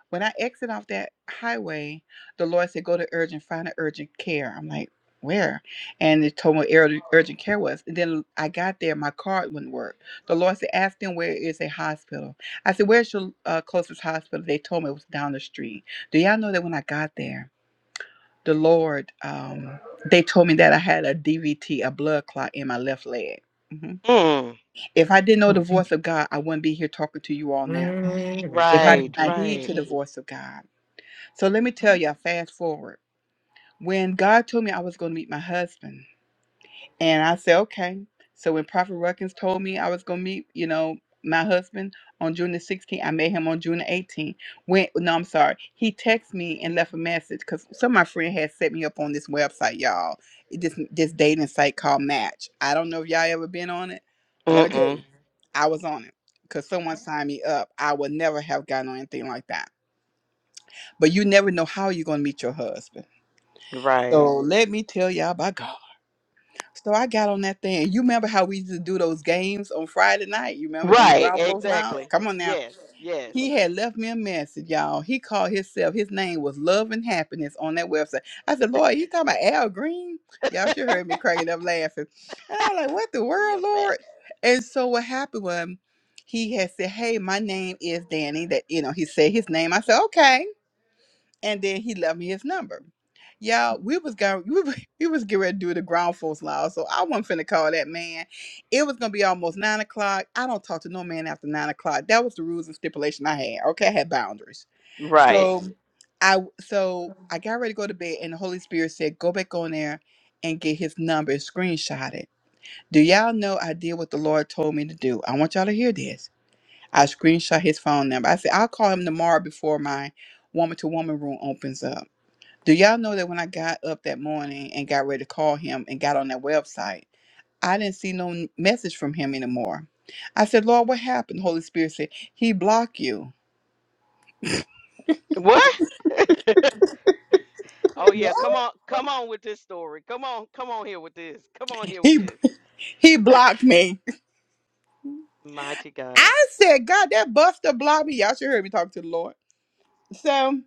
Speaker 5: When I exit off that highway, the Lord said, Go to urgent, find an urgent care. I'm like, where? And it told me where urgent urgent care was. And then I got there, my card wouldn't work. The Lord said, Ask them where is a hospital. I said, Where's your uh, closest hospital? They told me it was down the street. Do y'all know that when I got there? the Lord, um, they told me that I had a DVT, a blood clot in my left leg. Mhm.
Speaker 1: Mm.
Speaker 5: If I didn't know the voice of God, I wouldn't be here talking to you all now. If I
Speaker 3: Mm-hmm.
Speaker 5: did
Speaker 1: Right.
Speaker 5: not heed to
Speaker 1: Right.
Speaker 5: the voice of God. So let me tell you, I fast forward. When God told me I was going to meet my husband, And I said, okay. So when Prophet Ruckins told me I was gonna meet, you know, my husband on June the 16th, I met him on June the 18th. When no, I'm sorry, he texted me and left a message because some of my friend had set me up on this website, y'all. It- This this dating site called Match. I don't know if y'all ever been on it, but let me tell
Speaker 1: Mm-mm.
Speaker 5: you, I was on it because someone signed me up. I would never have gotten on anything like that. But you never know how you're gonna meet your husband.
Speaker 1: Right.
Speaker 5: So let me tell y'all about God. So I got on that thing. You remember how we used to do those games on Friday night? You remember in the
Speaker 1: Right.
Speaker 5: ground folks lounge?
Speaker 1: Exactly.
Speaker 5: Come on now.
Speaker 1: Yes. Yes.
Speaker 5: He had left me a message, y'all. He called himself. His name was Love and Happiness on that website. I said, Lord, you talking about Al Green? Y'all should heard me cracking up laughing. And I was like, what the
Speaker 1: For
Speaker 5: world,
Speaker 1: your best.
Speaker 5: Lord? And so what happened was he had said, Hey, my name is Danny. That you know, he said his name. I said, Okay and then he left me his number. Y'all, we was going we, wa- we was getting ready to do the ground folks law, so I wasn't finna call that man. It was gonna be almost nine o'clock. I don't talk to no man after nine o'clock. That was the rules and stipulation I had. Okay, I had boundaries.
Speaker 1: Right.
Speaker 5: So Mhm. I w- so I got ready to go to bed, and the Holy Spirit said, "Go back on there and get his number and screenshot it." Do y'all know I did what the Lord told me to do? I want y'all to hear this. I screenshot his phone number. I said I'll call him tomorrow before my woman to woman room opens up. Do y'all know that when I got up that morning and got ready to call him and got on that website, I didn't see no n- message from him anymore. I said, Lord, what happened? Holy Spirit said, He blocked you.
Speaker 1: What? Oh yeah. Come on. Come on with this story. Come on. Come on here with this. Come on here with
Speaker 5: He
Speaker 1: this.
Speaker 5: he blocked me.
Speaker 1: Mighty God.
Speaker 5: I said, God, that buster blocked me. Y'all should hear me talk to the Lord. So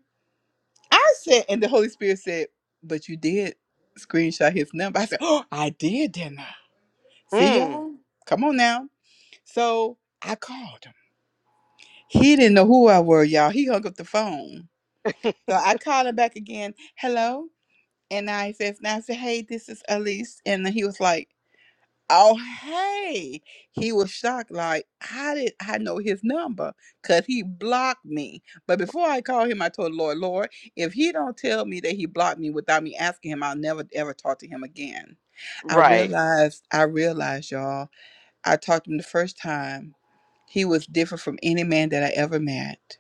Speaker 5: I said, and the Holy Spirit said, But you did screenshot his number. I said, Oh, I did, didn't I? See
Speaker 1: Mm,
Speaker 5: y'all? Come on now. So I called him. He didn't know who I were, y'all. He hung up the phone. So I called him back again. Hello. And I says, and I said, hey, this is Elise. And then he was like, oh, hey. He was shocked. Like, how did I know his number? Because he blocked me. But before I called him, I told the Lord, Lord, if he don't tell me that he blocked me without me asking him, I'll never, ever talk to him again. I
Speaker 1: right.
Speaker 5: realized, I realized, y'all, I talked to him the first time he was different from any man that I ever met.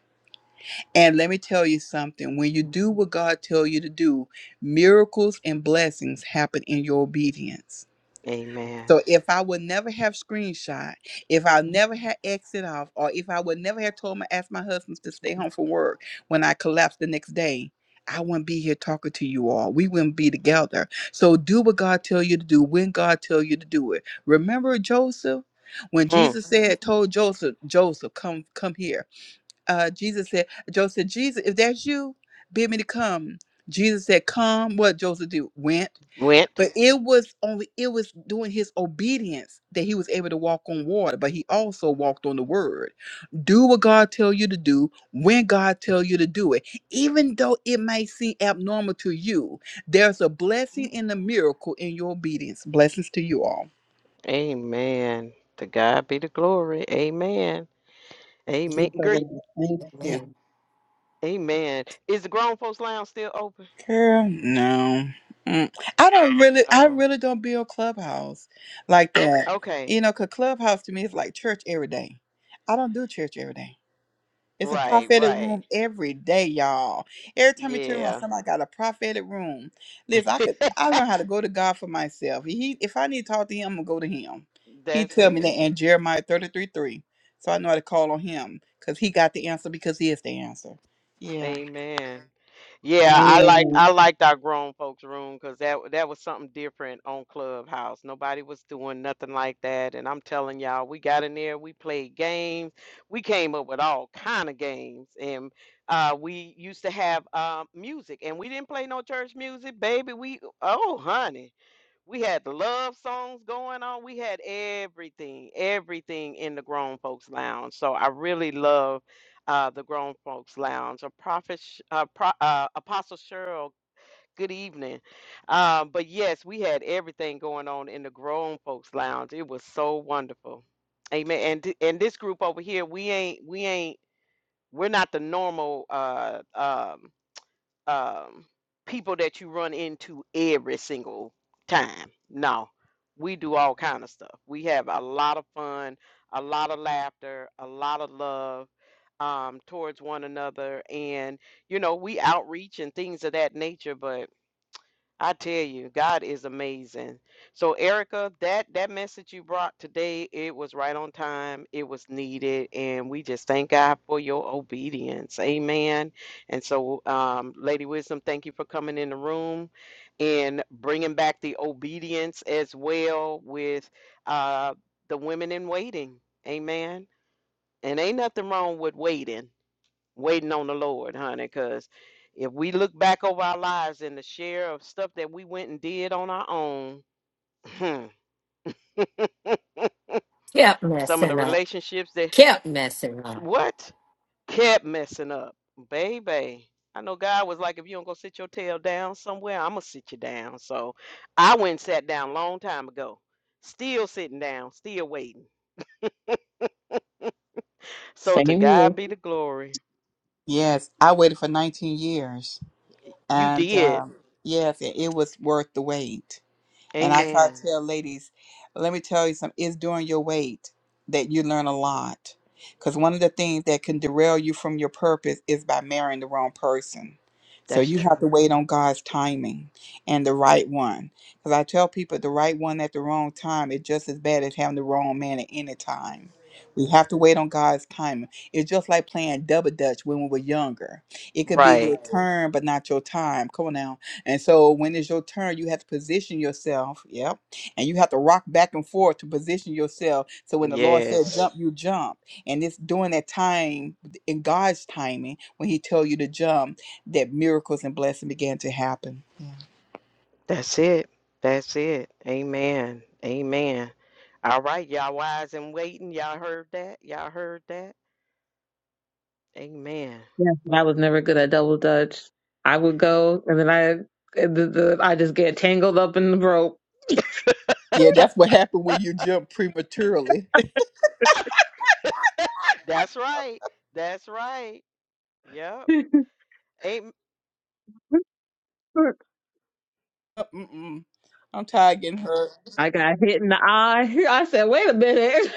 Speaker 5: And let me tell you something, when you do what God tells you to do, miracles and blessings happen in your obedience.
Speaker 1: Amen.
Speaker 5: So if I would never have screenshot, if I never had exit off, or if I would never have told my asked my husband to stay home from work when I collapsed the next day, I wouldn't be here talking to you all. We wouldn't be together. So do what God tell you to do when God tell you to do it. Remember Joseph? When
Speaker 1: Mm,
Speaker 5: Jesus said, told Joseph, Joseph, come, come here. Uh, Jesus said, Joseph, Jesus, if that's you, bid me to come. Jesus said, come. What Joseph do? Went.
Speaker 1: went.
Speaker 5: But it was only it was doing his obedience that he was able to walk on water, but he also walked on the word. Do what God tell you to do when God tell you to do it. Even though it may seem abnormal to you, there's a blessing and a miracle in your obedience. Blessings to you all.
Speaker 1: Amen. To God be the glory. Amen. Amen.
Speaker 6: you,
Speaker 3: Amen.
Speaker 6: Father.
Speaker 1: Great.
Speaker 6: Thank you.
Speaker 3: Amen.
Speaker 1: Amen. Is the grown folks lounge still open?
Speaker 5: Girl, no. Mm. I don't really I
Speaker 1: Oh,
Speaker 5: really don't build clubhouse like that. Okay.
Speaker 1: okay.
Speaker 5: You know, cause clubhouse to me is like church every day. I don't do church every day. It's a
Speaker 1: Right,
Speaker 5: prophetic
Speaker 1: right.
Speaker 5: room every day, y'all. Every time you turn around,
Speaker 1: Yeah.
Speaker 5: somebody got a prophetic room. Listen, I could I learned how to go to God for myself. He if I need to talk to him, I'm gonna go to him. He
Speaker 1: That's
Speaker 5: tell me that
Speaker 1: it.
Speaker 5: in Jeremiah 33 3. So I know how to call on him because he got the answer because he is the answer. Yeah.
Speaker 1: Amen. Yeah, I liked
Speaker 6: Amen.
Speaker 1: I liked our grown folks room because that that was something different on Clubhouse. Nobody was doing nothing like that, and I'm telling y'all, we got in there, we played games, we came up with all kind of games, and uh, we used to have uh, music, and we didn't play no church music, baby. We oh honey. We had the love songs going on. We had everything, everything in the Grown Folks Lounge. So I really love uh, the Grown Folks Lounge. A prophet, Sh- uh, Pro, uh, Apostle Cheryl. Good evening. Um, but yes, we had everything going on in the Grown Folks Lounge. It was so wonderful. Amen. And th- and this group over here, we ain't we ain't we're not the normal uh, um um, people that you run into every single time. No, we do all kind of stuff. We have a lot of fun, a lot of laughter, a lot of love um, towards one another, and you know we outreach and things of that nature. But I tell you, God is amazing. So, Erica, that that message you brought today, it was right on time. It was needed, and we just thank God for your obedience. Amen. And so, um, Lady Wisdom, thank you for coming in the room and bringing back the obedience as well with uh, the women in waiting. Amen. And ain't nothing wrong with waiting waiting on the Lord, honey, because if we look back over our lives and the share of stuff that we went and did on our own,
Speaker 3: Kept
Speaker 1: some of the
Speaker 3: messing up.
Speaker 1: relationships that
Speaker 3: Kept messing up.
Speaker 1: what kept messing up, baby. I know God was like, if you don't go sit your tail down somewhere, I'm gonna sit you down. So I went and sat down a long time ago, still sitting down, still waiting. So
Speaker 2: Same
Speaker 1: to
Speaker 2: here.
Speaker 1: God be the glory.
Speaker 5: Yes. I waited for 19 years.
Speaker 1: You
Speaker 5: And
Speaker 1: did.
Speaker 5: um yes, it, it was worth the wait. And I try to
Speaker 1: Amen.
Speaker 5: tell ladies, let me tell you something, it's during your wait that you learn a lot. Because one of the things that can derail you from your purpose is by marrying the wrong person. So
Speaker 1: That's
Speaker 5: you have to
Speaker 1: true.
Speaker 5: wait on God's timing and the right one. Because I tell people the right one at the wrong time is just as bad as having the wrong man at any time. We have to wait on God's timing. It's just like playing double dutch when we were younger. It could be your
Speaker 1: Right.
Speaker 5: turn, but not your time. Come on now and so when it's your turn, you have to position yourself. Yep. And you have to rock back and forth to position yourself. So when the Lord said Yes.
Speaker 1: Yes.
Speaker 5: jump, you jump. And it's during that time, in God's timing, when He tell you to jump, that miracles and blessing began to happen.
Speaker 1: That's it. That's it. Amen. Amen. All right, y'all wise and waiting. Y'all heard that? Y'all heard that? Amen.
Speaker 2: Yeah, but I was never good at double dutch. I would go, and then I, and the, the, I just get tangled up in the rope.
Speaker 5: Yeah, that's what happened when you jump prematurely.
Speaker 1: That's right. That's right. Yep. Amen.
Speaker 5: Mm-mm. I'm tired of getting hurt.
Speaker 2: I got hit in the eye. I said, "Wait a minute."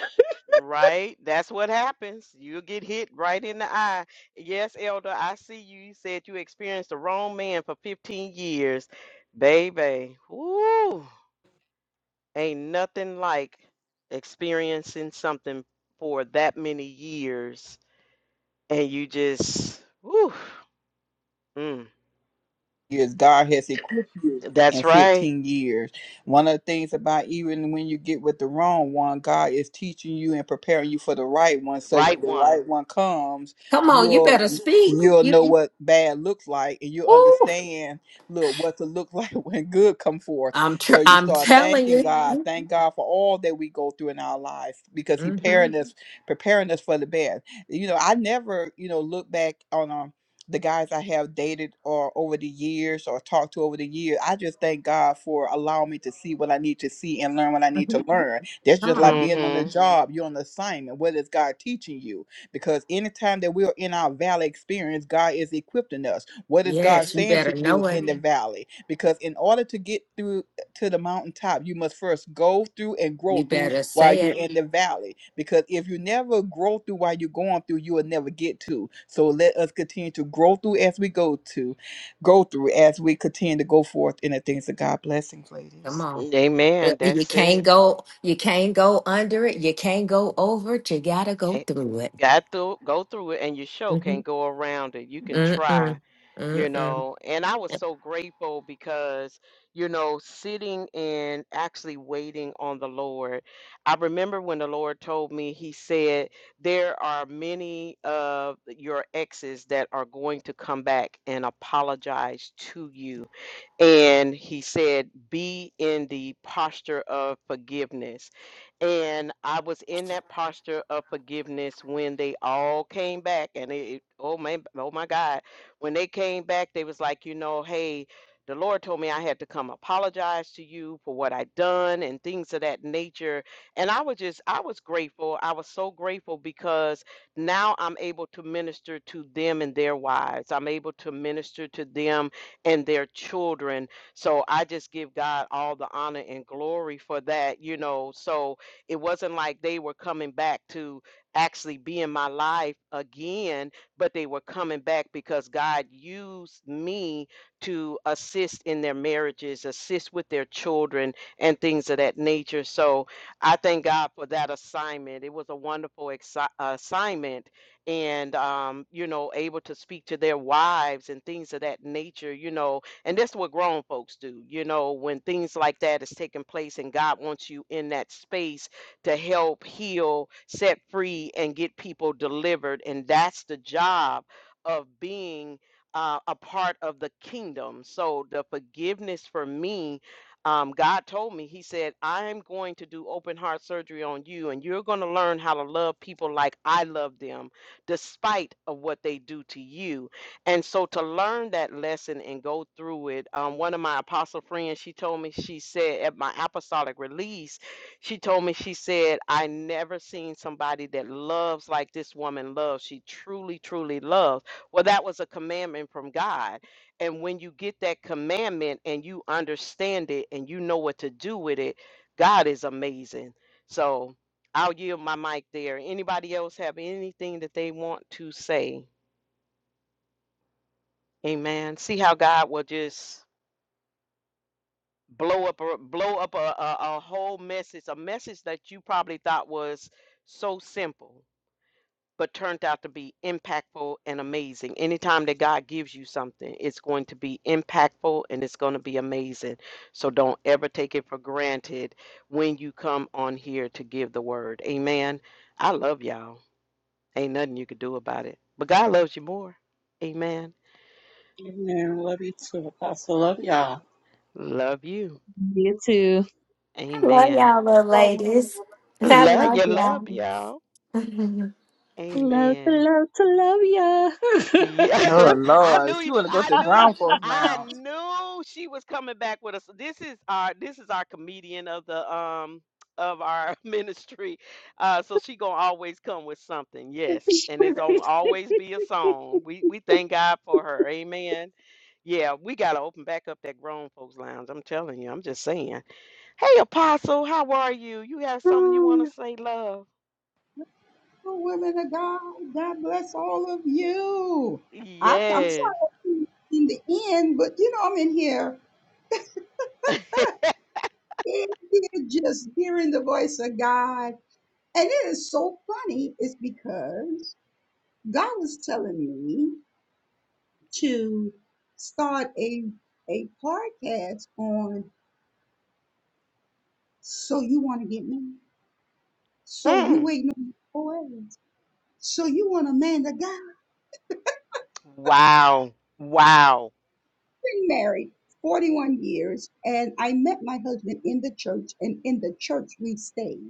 Speaker 1: Right. That's what happens. You'll get hit right in the eye. Yes, Elder, I see you. You said you experienced the wrong man for 15 years. Baby. Woo. Ain't nothing like experiencing something for that many years And you just, whew, mm,
Speaker 5: years. God has equipped you in
Speaker 1: that's right,
Speaker 5: 15 years. One of the things about even when you get with the wrong one, God is teaching you and preparing you for the right one.
Speaker 1: the
Speaker 5: So
Speaker 1: right
Speaker 5: when the
Speaker 1: one.
Speaker 5: right one comes,
Speaker 3: Come on, you
Speaker 5: you'll
Speaker 3: better speak.
Speaker 5: you'll
Speaker 3: You,
Speaker 5: know what bad looks like and you'll
Speaker 3: woo.
Speaker 5: understand look what to look like when good come forth.
Speaker 3: I'm
Speaker 5: So
Speaker 3: tr-
Speaker 5: you
Speaker 3: I'm
Speaker 5: start
Speaker 3: telling
Speaker 5: thanking
Speaker 3: you.
Speaker 5: God. Thank God for all that we go through in our lives because He
Speaker 3: hmm hmm
Speaker 5: preparing us preparing us for the best. You know, I never, you know, look back on um the guys I have dated or over the years or talked to over the years, I just thank God for allowing me to see what I need to see and learn what I need to learn. That's
Speaker 3: Come
Speaker 5: just like
Speaker 3: on.
Speaker 5: being on the
Speaker 1: Mm-hmm.
Speaker 5: job, you're on assignment. What is God teaching you? Because anytime that we're in our valley experience, God is equipping us. What is God
Speaker 3: Yes, you
Speaker 5: saying to
Speaker 3: better
Speaker 5: you
Speaker 3: know it.
Speaker 5: in the valley? Because in order to get through to the mountaintop, you must first go through and grow
Speaker 3: You
Speaker 5: through
Speaker 3: better
Speaker 5: while
Speaker 3: say
Speaker 5: you're
Speaker 3: it.
Speaker 5: in the valley. Because if you never grow through while you're going through, you will never get to. So let us continue to grow through as we go to, go through as we continue to go forth in the things of God. Blessings,
Speaker 3: Come
Speaker 5: ladies.
Speaker 3: on. Uh,
Speaker 1: Amen.
Speaker 3: uh, You
Speaker 1: That's
Speaker 3: can't
Speaker 1: it.
Speaker 3: go. You can't go under it. You can't go over it. You gotta go
Speaker 1: Can't,
Speaker 3: through it.
Speaker 1: got through, go through it, and your show
Speaker 3: Mm-hmm.
Speaker 1: can't go around it. You can try,
Speaker 3: Mm-mm.
Speaker 1: you
Speaker 3: Mm-mm.
Speaker 1: know. And I was so grateful because, you know, sitting and actually waiting on the Lord. I remember when the Lord told me, He said, There are many of your exes that are going to come back and apologize to you and he said, Be in the posture of forgiveness. And I was in that posture of forgiveness when they all came back. And it, it- oh man, oh my God. When they came back, they was like, you know, hey, the Lord told me I had to come apologize to you for what I done and things of that nature. And I was just, I was grateful. I was so grateful because now I'm able to minister to them and their wives. I'm able to minister to them and their children. So I just give God all the honor and glory for that, you know. So it wasn't like they were coming back to actually be in my life again, but they were coming back because God used me to assist in their marriages, assist with their children, and things of that nature. So I thank God for that assignment. It was a wonderful exci- assignment and um, you know, able to speak to their wives and things of that nature, you know, and that's what grown folks do, you know, when things like that is taking place and God wants you in that space to help heal, set free, and get people delivered. And that's the job of being uh, a part of the kingdom. So the forgiveness for me um, God told me, He said, I'm going to do open heart surgery on you, and you're going to learn how to love people like I love them despite of what they do to you. And so to learn that lesson and go through it, um, one of my apostle friends, she told me, she said at my apostolic release, she told me, she said, I never seen somebody that loves like this woman loves. She truly, truly loves. Well, that was a commandment from God. And when you get that commandment and you understand it and you know what to do with it, God is amazing. So, I'll yield my mic there. Anybody else have anything that they want to say? Amen. See how God will just blow up a blow up a, a, a whole message, a message that you probably thought was so simple, but turned out to be impactful and amazing. Anytime that God gives you something, it's going to be impactful and it's going to be amazing. So don't ever take it for granted when you come on here to give the word. Amen. I love y'all. Ain't nothing you could do about it. But God loves you more. Amen.
Speaker 6: Amen. Love you too, Apostle. Love y'all.
Speaker 1: Love you.
Speaker 2: You too.
Speaker 3: I love
Speaker 1: Amen.
Speaker 3: y'all little ladies. I
Speaker 1: Love
Speaker 3: love
Speaker 1: you. Love
Speaker 3: y'all.
Speaker 1: y'all.
Speaker 2: Love to
Speaker 1: Amen.
Speaker 2: love to love
Speaker 1: Yeah,
Speaker 2: ya.
Speaker 5: Oh
Speaker 1: I knew
Speaker 5: Lord, she
Speaker 1: you.
Speaker 5: want to go
Speaker 1: I
Speaker 5: to the
Speaker 1: knew you.
Speaker 5: ground force
Speaker 1: I
Speaker 5: lounge.
Speaker 1: knew she was coming back with us. This is our this is our comedian of the um of our ministry. Uh so she going to always come with something. Yes. And it's gonna always be a song. We we thank God for her. Amen. Yeah, we got to open back up that grown folks lounge. I'm telling you. I'm just saying. Hey Apostle, how are you? You have something you want to say, love?
Speaker 7: Oh, women of God, God bless all of you. I, I'm sorry
Speaker 1: Yes.
Speaker 7: I'm in the end, but you know I'm in here. It is just hearing the voice of God. And it is so funny, it's because God was telling me to start a a podcast on so you want to get married, so you
Speaker 1: Mm.
Speaker 7: waiting on boys, so you want a man of God.
Speaker 1: Wow. Wow.
Speaker 7: been married 41 years, and I met my husband in the church, and in the church we stayed.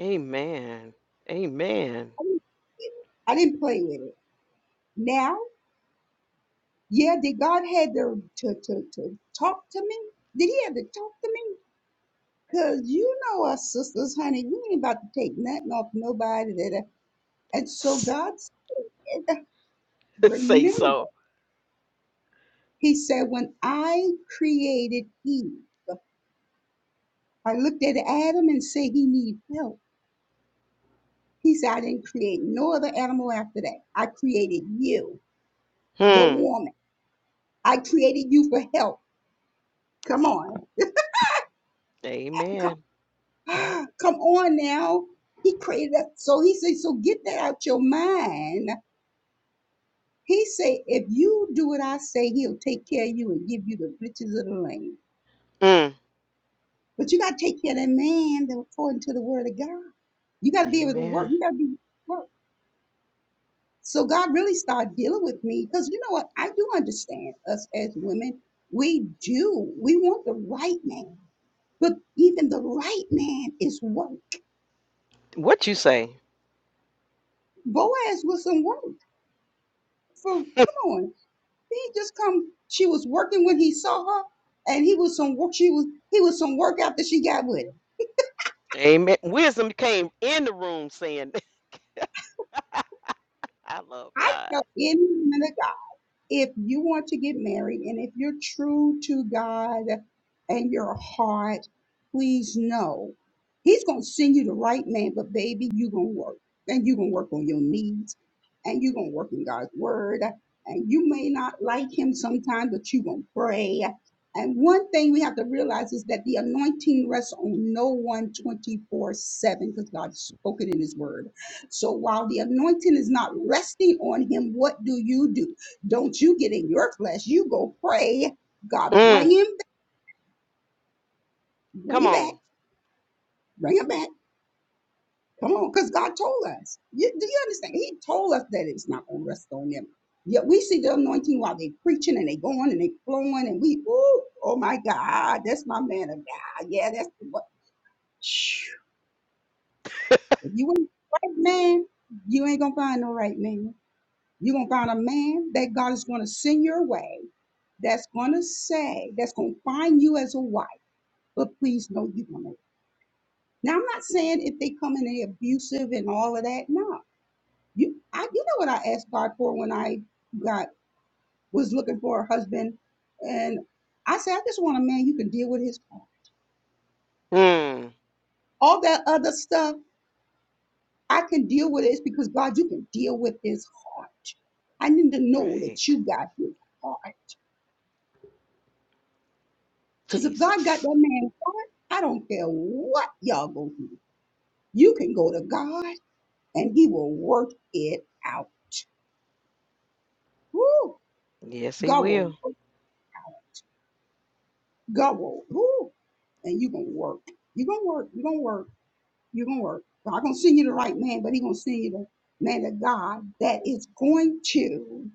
Speaker 1: Amen. Amen.
Speaker 7: I didn't, I didn't play with it. Now, yeah, did God had to, to, to, to talk to me? Did he have to talk to me? Because you know us sisters, honey, we ain't about to take nothing off nobody. da, da. And so
Speaker 1: S-
Speaker 7: God said,
Speaker 1: say
Speaker 7: remember,
Speaker 1: so.
Speaker 7: he said, when I created Eve, I looked at Adam and said he need help. He said, I didn't create no other animal after that. I created you, the
Speaker 1: Hmm.
Speaker 7: woman. I created you for help. Come on. Come,
Speaker 1: Amen.
Speaker 7: come on now. He created us. So he said, so get that out your mind. He said, if you do what I say, he'll take care of you and give you the riches of the land.
Speaker 1: Mm.
Speaker 7: But you got to take care of that man that according to the word of God. You got to be able to work.
Speaker 1: Amen.
Speaker 7: You got to be work. So God really started dealing with me because you know what? I do understand us as women. We do. We want the right man, but even the right man is work.
Speaker 1: What you say?
Speaker 7: Boaz was some work. For come on, he just come. She was working when he saw her, and he was some work. She was he was some work after she got with him.
Speaker 1: Amen. Wisdom came in the room saying, I love
Speaker 7: I
Speaker 1: God.
Speaker 7: know any minute if you want to get married and if you're true to God and your heart, please know He's going to send you the right man, but baby, you're going to work and you're going to work on your needs and you're going to work in God's word. And you may not like Him sometimes, but you're going to pray. And one thing we have to realize is that the anointing rests on no one twenty 7 because God has spoken in His word. So while the anointing is not resting on Him, what do you do? Don't you get in your flesh. You go pray. God,
Speaker 1: Mm.
Speaker 7: bring him, bring
Speaker 1: Come
Speaker 7: him
Speaker 1: on.
Speaker 7: back, bring him back. Come on, because God told us. You, do you understand? He told us that it's not going to rest on them. Yet we see the anointing while they preaching and they going and they flowing and we, ooh, oh my God, that's my man of God. Yeah, that's what. Phew. If you ain't the right man, you ain't gonna find no right man. You're gonna find a man that God is gonna send your way that's gonna say, that's gonna find you as a wife. But please know you're going to Now I'm not saying if they come in they abusive and all of that. No, you I you know what I asked God for when I got was looking for a husband, and I said I just want a man you can deal with his heart.
Speaker 1: Mm.
Speaker 7: All that other stuff I can deal with it. It's because God you can deal with his heart. I need to know that
Speaker 1: Right.
Speaker 7: you got his heart. Because if God got
Speaker 1: Jesus.
Speaker 7: that man's heart, I don't care what y'all go through. You can go to God and He will work it out. Woo!
Speaker 1: Yes, he
Speaker 7: God will.
Speaker 1: will.
Speaker 7: Go. Woo. And you're gonna work. You're gonna work. You're gonna work. You're gonna work. God gonna send you the right man, but he gonna send you the man of God that is going to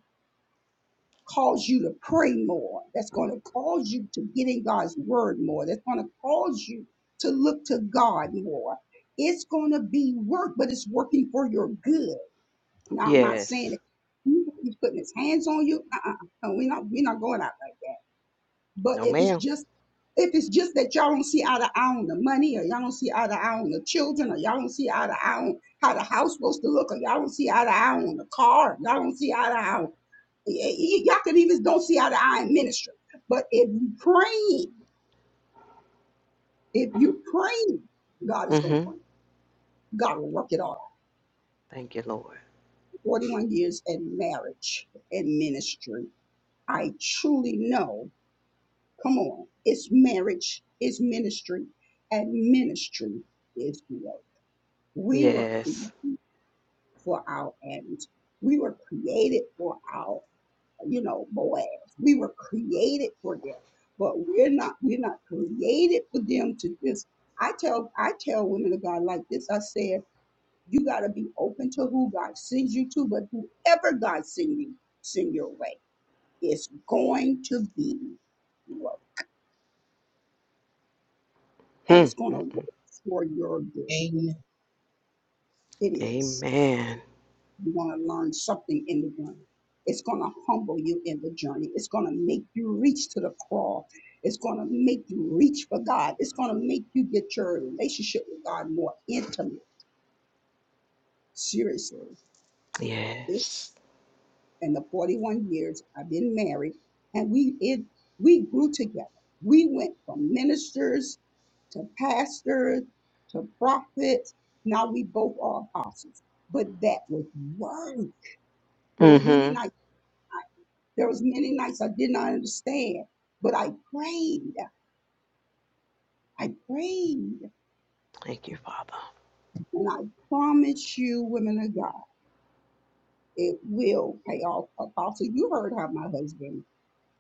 Speaker 7: cause you to pray more, that's going to cause you to get in God's word more, that's going to cause you to look to God more. It's going to be work, but it's working for your good. Now, I'm not saying
Speaker 1: Yes.
Speaker 7: that he's putting his hands on you. Uh-uh. No, we're not, we're not going out like that. But
Speaker 1: No,
Speaker 7: if it's
Speaker 1: ma'am.
Speaker 7: just if it's just that y'all don't see eye to eye on the money, or y'all don't see eye to eye on the children, or y'all don't see eye to eye on how the house supposed to look, or y'all don't see eye to eye on the car, y'all don't see eye to eye on y'all could even don't see eye to eye in ministry. But if you praying, if you praying, God is going to
Speaker 1: Mm-hmm.
Speaker 7: bring. God will work it all.
Speaker 1: Thank you, Lord.
Speaker 7: 41 years in marriage and ministry. I truly know. Come on, it's marriage, it's ministry, and ministry is marriage. We were
Speaker 1: Yes.
Speaker 7: created for our Addis. We were created for our, you know, Boaz. We were created for them. But we're not, we're not created for them to just I tell I tell women of God like this. I said, you gotta be open to who God sends you to, but whoever God send you send your way is going to be work. And
Speaker 1: Hmm.
Speaker 7: it's gonna work
Speaker 1: Mm-mm.
Speaker 7: for your good.
Speaker 6: Amen.
Speaker 7: It is.
Speaker 1: Amen.
Speaker 7: You're going to learn something in the journey. It's going to humble you in the journey. It's going to make you reach to the cross. It's going to make you reach for God. It's going to make you get your relationship with God more intimate. Seriously. This
Speaker 1: Yes.
Speaker 7: in the 41 years I've been married, and we it we grew together. We went from ministers to pastors to prophets. Now we both are apostles. But that was word. There was many
Speaker 1: Mm-hmm.
Speaker 7: nights. There was many nights I did not understand, but I prayed. I prayed,
Speaker 1: Thank you, Father.
Speaker 7: and I promise you, women of God, it will pay off. Apostle, you heard how my husband.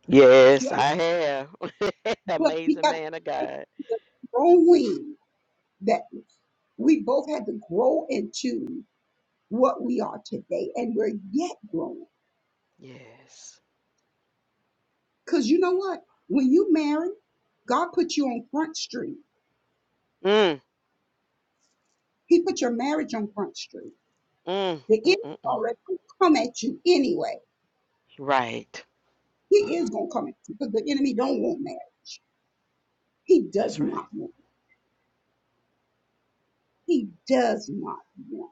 Speaker 1: Yes,
Speaker 7: You
Speaker 1: I
Speaker 7: under-
Speaker 1: have.
Speaker 7: but we
Speaker 1: Amazing
Speaker 7: got
Speaker 1: man of God.
Speaker 7: the growing that we both had to grow into what we are today, and we're yet growing.
Speaker 1: Yes.
Speaker 7: Cause you know what? When you marry, God put you on front street.
Speaker 1: Mm,
Speaker 7: He put your marriage on front street.
Speaker 1: mm,
Speaker 7: The
Speaker 1: mm,
Speaker 7: enemy
Speaker 1: mm, mm.
Speaker 7: already come at you anyway
Speaker 1: Right.
Speaker 7: He is going to come in because the enemy don't want marriage. He does
Speaker 1: That's
Speaker 7: not
Speaker 1: right.
Speaker 7: want. it. He does not want.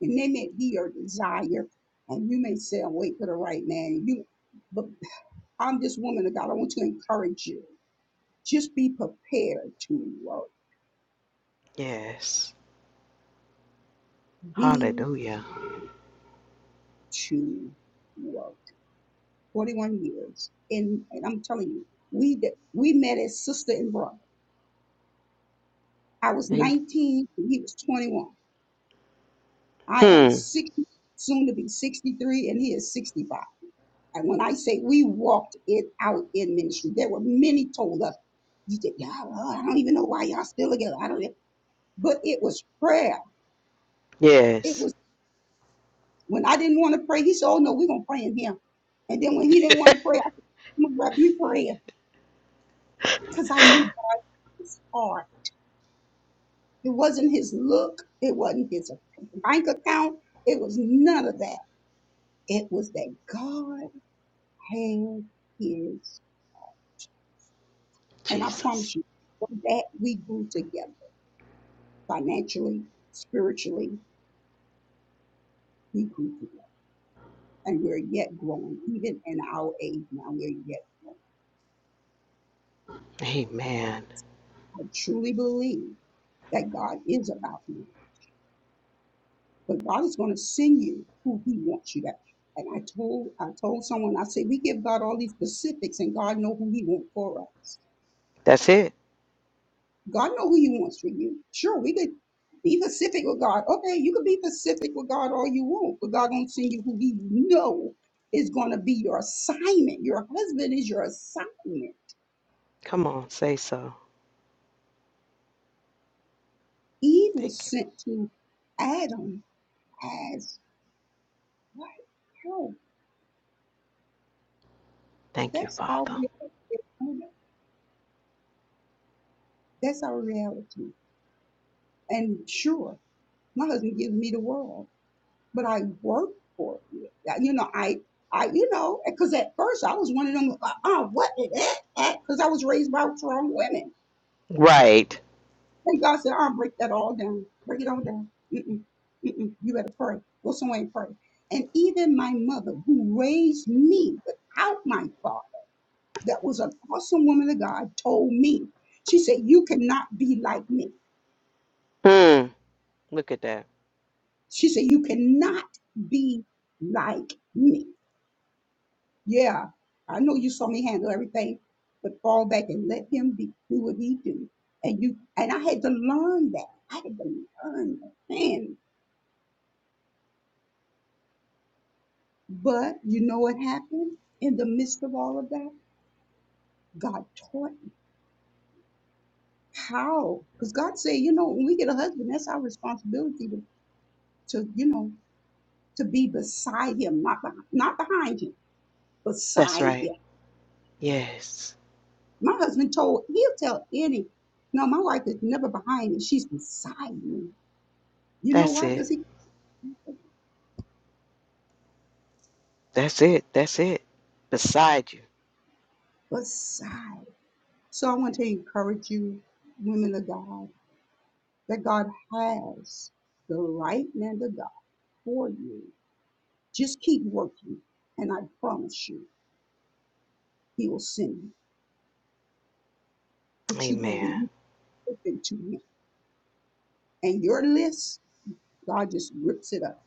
Speaker 7: it. And they may be your desire, and you may say, "I'm waiting for the right man." You, but I'm this woman of God. I want to encourage you. Just be prepared to work.
Speaker 1: Yes.
Speaker 7: Be
Speaker 1: Hallelujah.
Speaker 7: to work. 41 years, and, and I'm telling you, we did- we met as sister and brother. I was
Speaker 1: Amen.
Speaker 7: 19, and he was 21. I am
Speaker 1: Hmm.
Speaker 7: 60, soon to be 63, and he is 65. And when I say we walked it out in ministry, there were many told us, you did, y'all, uh, I don't even know why y'all still together. I don't know. But it was prayer. It
Speaker 1: Yes.
Speaker 7: was when I didn't want to pray, he said, Oh no, we're gonna pray in him. And then when he didn't want to pray, I said, I'm gonna grab you prayer because I knew that was hard. It wasn't his look, it wasn't his bank account, it was none of that. It was that God had his. And I
Speaker 1: Jesus.
Speaker 7: promise you, from that we grew together. financially, spiritually, we And we're yet growing, even in our age now, we're yet growing.
Speaker 1: Amen.
Speaker 7: I truly believe that God is about you, but God is going to send you who He wants you to. And I told I told someone, I said, we give God all these specifics, and God know who He wants for us.
Speaker 1: That's it.
Speaker 7: God know who He wants for you. Sure, we could be pacific with God. Okay, you could be pacific with God all you want, but God gonna send you who He know is gonna be your assignment. Your husband is your assignment.
Speaker 1: Come on, say so.
Speaker 7: Eve was
Speaker 1: Thank you.
Speaker 7: sent to Adam as what? Help.
Speaker 1: Thank you,
Speaker 7: That's our
Speaker 1: Father.
Speaker 7: reality. that's our reality. And sure, my husband gives me the world. but I worked for it. Yeah, You know, I, I, you know, because at first I was one of them, uh, uh what is that? Because I was raised by strong women.
Speaker 1: Right.
Speaker 7: And God said, I'll break that all down. Break it all down. Mm-mm, mm-mm. You better pray. Go somewhere and pray. And even my mother, who raised me without my father, that was an awesome woman of God, told me, she said, You cannot be like me.
Speaker 1: Hmm. Look at that.
Speaker 7: She said, You cannot be like me. Yeah, I know you saw me handle everything, but fall back and let him be, do what he do. And you and I had to learn that. I had to learn that. Man, but you know what happened in the midst of all of that? God taught me how. Because God said, you know, when we get a husband, that's our responsibility to, to you know, to be beside him, not behind, not behind him,
Speaker 1: That's
Speaker 7: beside
Speaker 1: right.
Speaker 7: him.
Speaker 1: Yes.
Speaker 7: My husband told he'll tell any. No, my wife is never behind me. She's beside me. You know
Speaker 1: That's
Speaker 7: why? 'Cause
Speaker 1: it.
Speaker 7: he
Speaker 1: That's it. That's it. Beside you.
Speaker 7: beside. So I want to encourage you, women of God, that God has the right man of God for you. Just keep working, and I promise you, He will send you. But you're gonna
Speaker 1: Amen.
Speaker 7: be open to Him, and your list, God just rips it up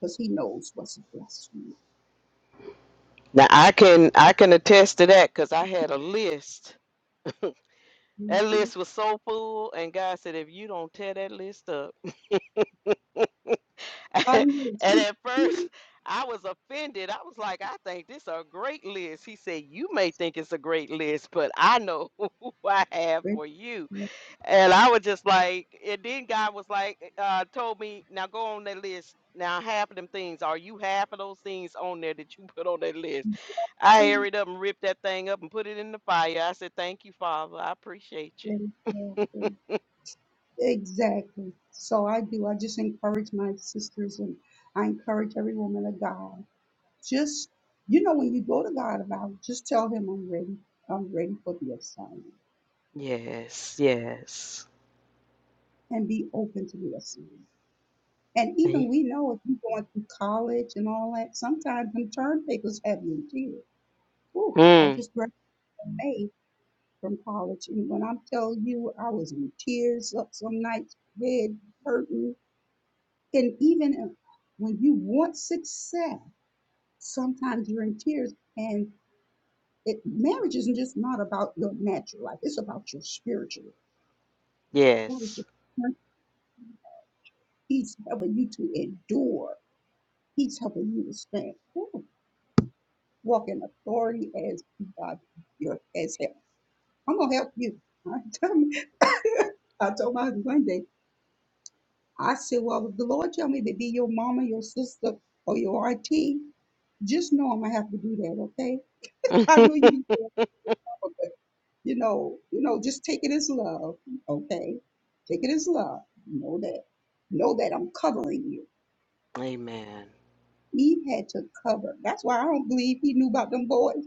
Speaker 7: because He knows what's best for you.
Speaker 1: Now I can I can attest to that because I had a list. That
Speaker 7: Mhm.
Speaker 1: list was so full, and God said, "If you don't tear that list up,"
Speaker 7: God
Speaker 1: and
Speaker 7: knows.
Speaker 1: at first I was offended. I was like, "I think this a great list." He said, "You may think it's a great list, but I know who I have for you." And I was just like, and then God was like, uh, told me, now go on that list. Now, half of them things, are you half of those things on there that you put on that list? I hurried up and ripped that thing up and put it in the fire. I said, thank you, Father. I appreciate you.
Speaker 7: He- He- Exactly. So I do. I just encourage my sisters and I encourage every woman of God. Just, you know, when you go to God about it, just tell him I'm ready. I'm ready for the assignment
Speaker 1: Yes, yes.
Speaker 7: and be open to the assignment. And even
Speaker 1: Thank-
Speaker 7: we know if you're going through college and all that, sometimes them term papers have you in tears. Ooh, I
Speaker 1: Mm,
Speaker 7: just graduated May from college. And when I tell you I was in tears up some nights, head hurting. And even if- when you want success, sometimes you're in tears and it marriage isn't just not about your natural life it's about your spiritual life. god is your
Speaker 1: yes.
Speaker 7: friend. he's helping you to endure he's helping you to stand firm walk in authority as god your as help i'm gonna help you i tell me- I told my husband one day i said well if the lord tell me to be your mama your sister or your auntie just know i'm gonna have to do that okay i know you be you know, you know, just take it as love, okay? Take it as love. Know that. Know that I'm covering you.
Speaker 1: Amen.
Speaker 7: Eve had to cover. That's why I don't believe he knew about them boys.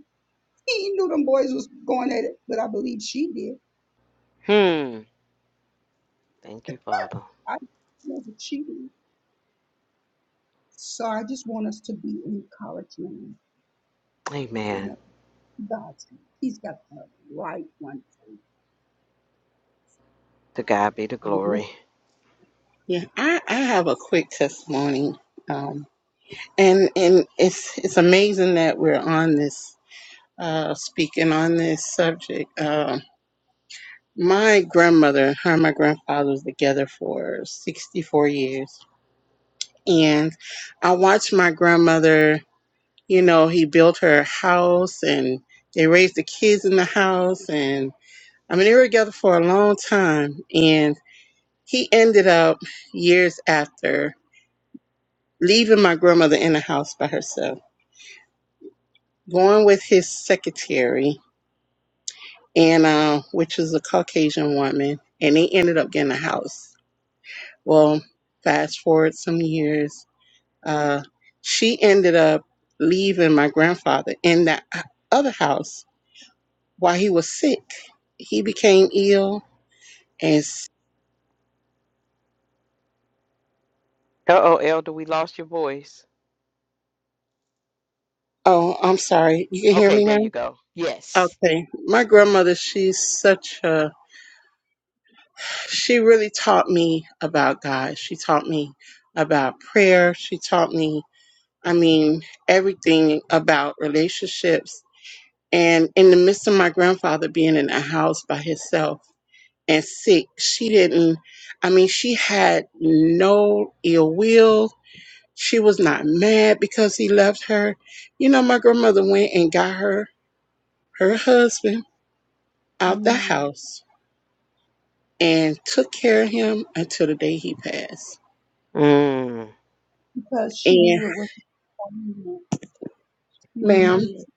Speaker 7: He knew them boys was going at it, but I believe she did.
Speaker 1: Hmm. Thank you, Father.
Speaker 7: I know that she did. So I just want us to be encouraged, man. You
Speaker 1: Amen.
Speaker 7: know, God's hand. He's got the right one for you.
Speaker 1: To God be the glory.
Speaker 6: Yeah, I, I have a quick testimony. Um, and and it's it's amazing that we're on this uh, speaking on this subject. Um, my grandmother, her and my grandfather was together for 64 years. And I watched my grandmother, you know, he built her house and they raised the kids in the house and I mean, they were together for a long time, and he ended up years after leaving my grandmother in the house by herself, going with his secretary, and uh, which was a Caucasian woman, and they ended up getting a house. Well, fast forward some years, uh, she ended up leaving my grandfather in that other house while he was sick. He became ill, and s-
Speaker 1: Uh oh, Elder, we lost your voice.
Speaker 6: oh, I'm sorry, you can hear
Speaker 1: Okay,
Speaker 6: me now.
Speaker 1: there you go. Yes.
Speaker 6: Okay. My grandmother, she's such a, she really taught me about God. She taught me about prayer. She taught me, I mean, everything about relationships. And in the midst of my grandfather being in a house by himself and sick, she didn't, I mean, she had no ill will. She was not mad because he left her. You know, my grandmother went and got her, her husband out the
Speaker 7: Amen.
Speaker 6: house and took care of him until the day he passed.
Speaker 1: Mm.
Speaker 7: Because she
Speaker 6: And,
Speaker 7: knew it was appointment. She
Speaker 6: ma'am,
Speaker 7: knew it.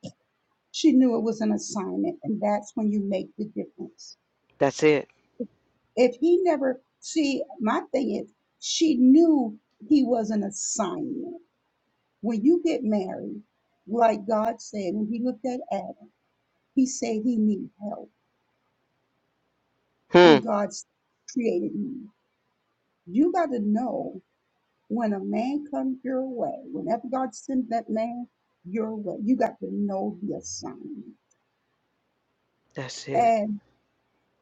Speaker 7: She knew it was an assignment, and that's when you make the difference
Speaker 1: That's it.
Speaker 7: if he never see my thing is she knew he was an assignment when you get married like god said when he looked at adam he said he need help
Speaker 1: Hmm.
Speaker 7: and god s- created you you got to know when a man comes your way whenever god sends that man your way you got to know the assignment
Speaker 1: That's it.
Speaker 7: and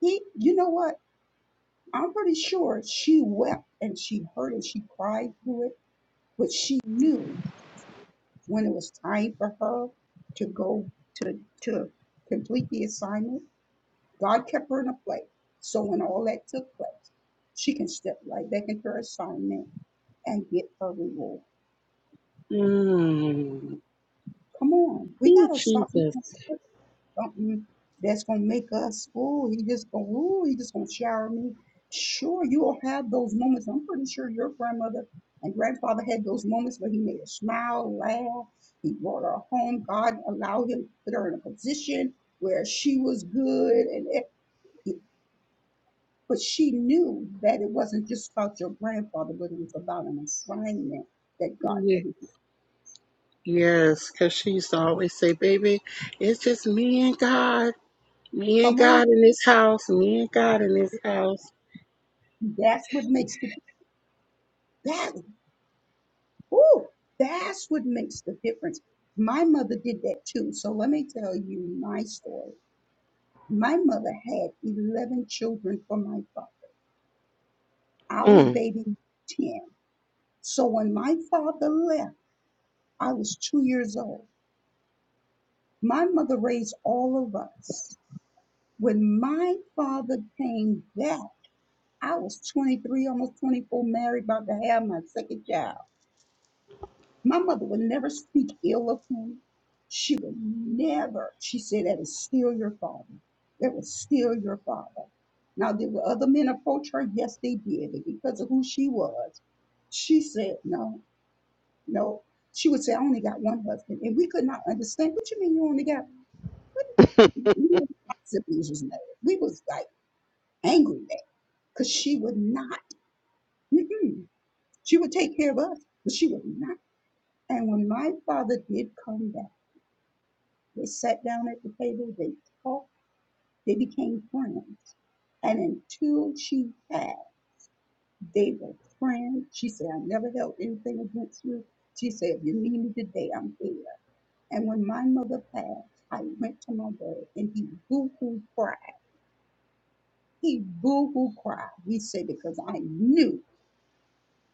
Speaker 7: he you know what i'm pretty sure she wept and she hurt and she cried through it but she knew when it was time for her to go to to complete the assignment, God kept her in a place. So when all that took place, she can step right back into her assignment and get her reward.
Speaker 6: mm,
Speaker 7: Come on, we
Speaker 6: oh,
Speaker 7: gotta stop.
Speaker 6: Jesus.
Speaker 7: something that's gonna make us, oh, he just gonna, ooh, he just gonna shower me. Sure, you will have those moments. I'm pretty sure your grandmother and grandfather had those moments where he made her smile, laugh. He brought her home. God allowed him to put her in a position where she was good, and it, but she knew that it wasn't just about your grandfather, but it was about an assignment that God had.
Speaker 6: Ye- Yes, because she used to always say, baby, it's just me and God. Me and
Speaker 7: Come
Speaker 6: God
Speaker 7: on,
Speaker 6: in this house. Me and God in this house.
Speaker 7: that's what makes the that. Woo! That's what makes the difference. My mother did that too. So let me tell you my story. My mother had 11 children from my father. I was
Speaker 1: Mm.
Speaker 7: baby 10. So when my father left, I was two years old. My mother raised all of us. When my father came back, I was 23, almost 24, married, about to have my second child. My mother would never speak ill of him. She would never. She said, That is still your father. That was still your father. Now, did other men approach her? Yes, they did. But because of who she was, she said, No, no. She would say, I only got one husband. And we could not understand. What you mean you only got what do you mean my siblings was mad? We was like angry at because she would not. Mm-mm. She would take care of us, but she would not. And when my father did come back, They sat down at the table, they talked, they became friends. And until she had, they were friends. She said, I never held anything against you. She said, if you need me today, I'm here. And when my mother passed, I went to my dad and he boo hoo cried. He boo hoo cried. He said, because I knew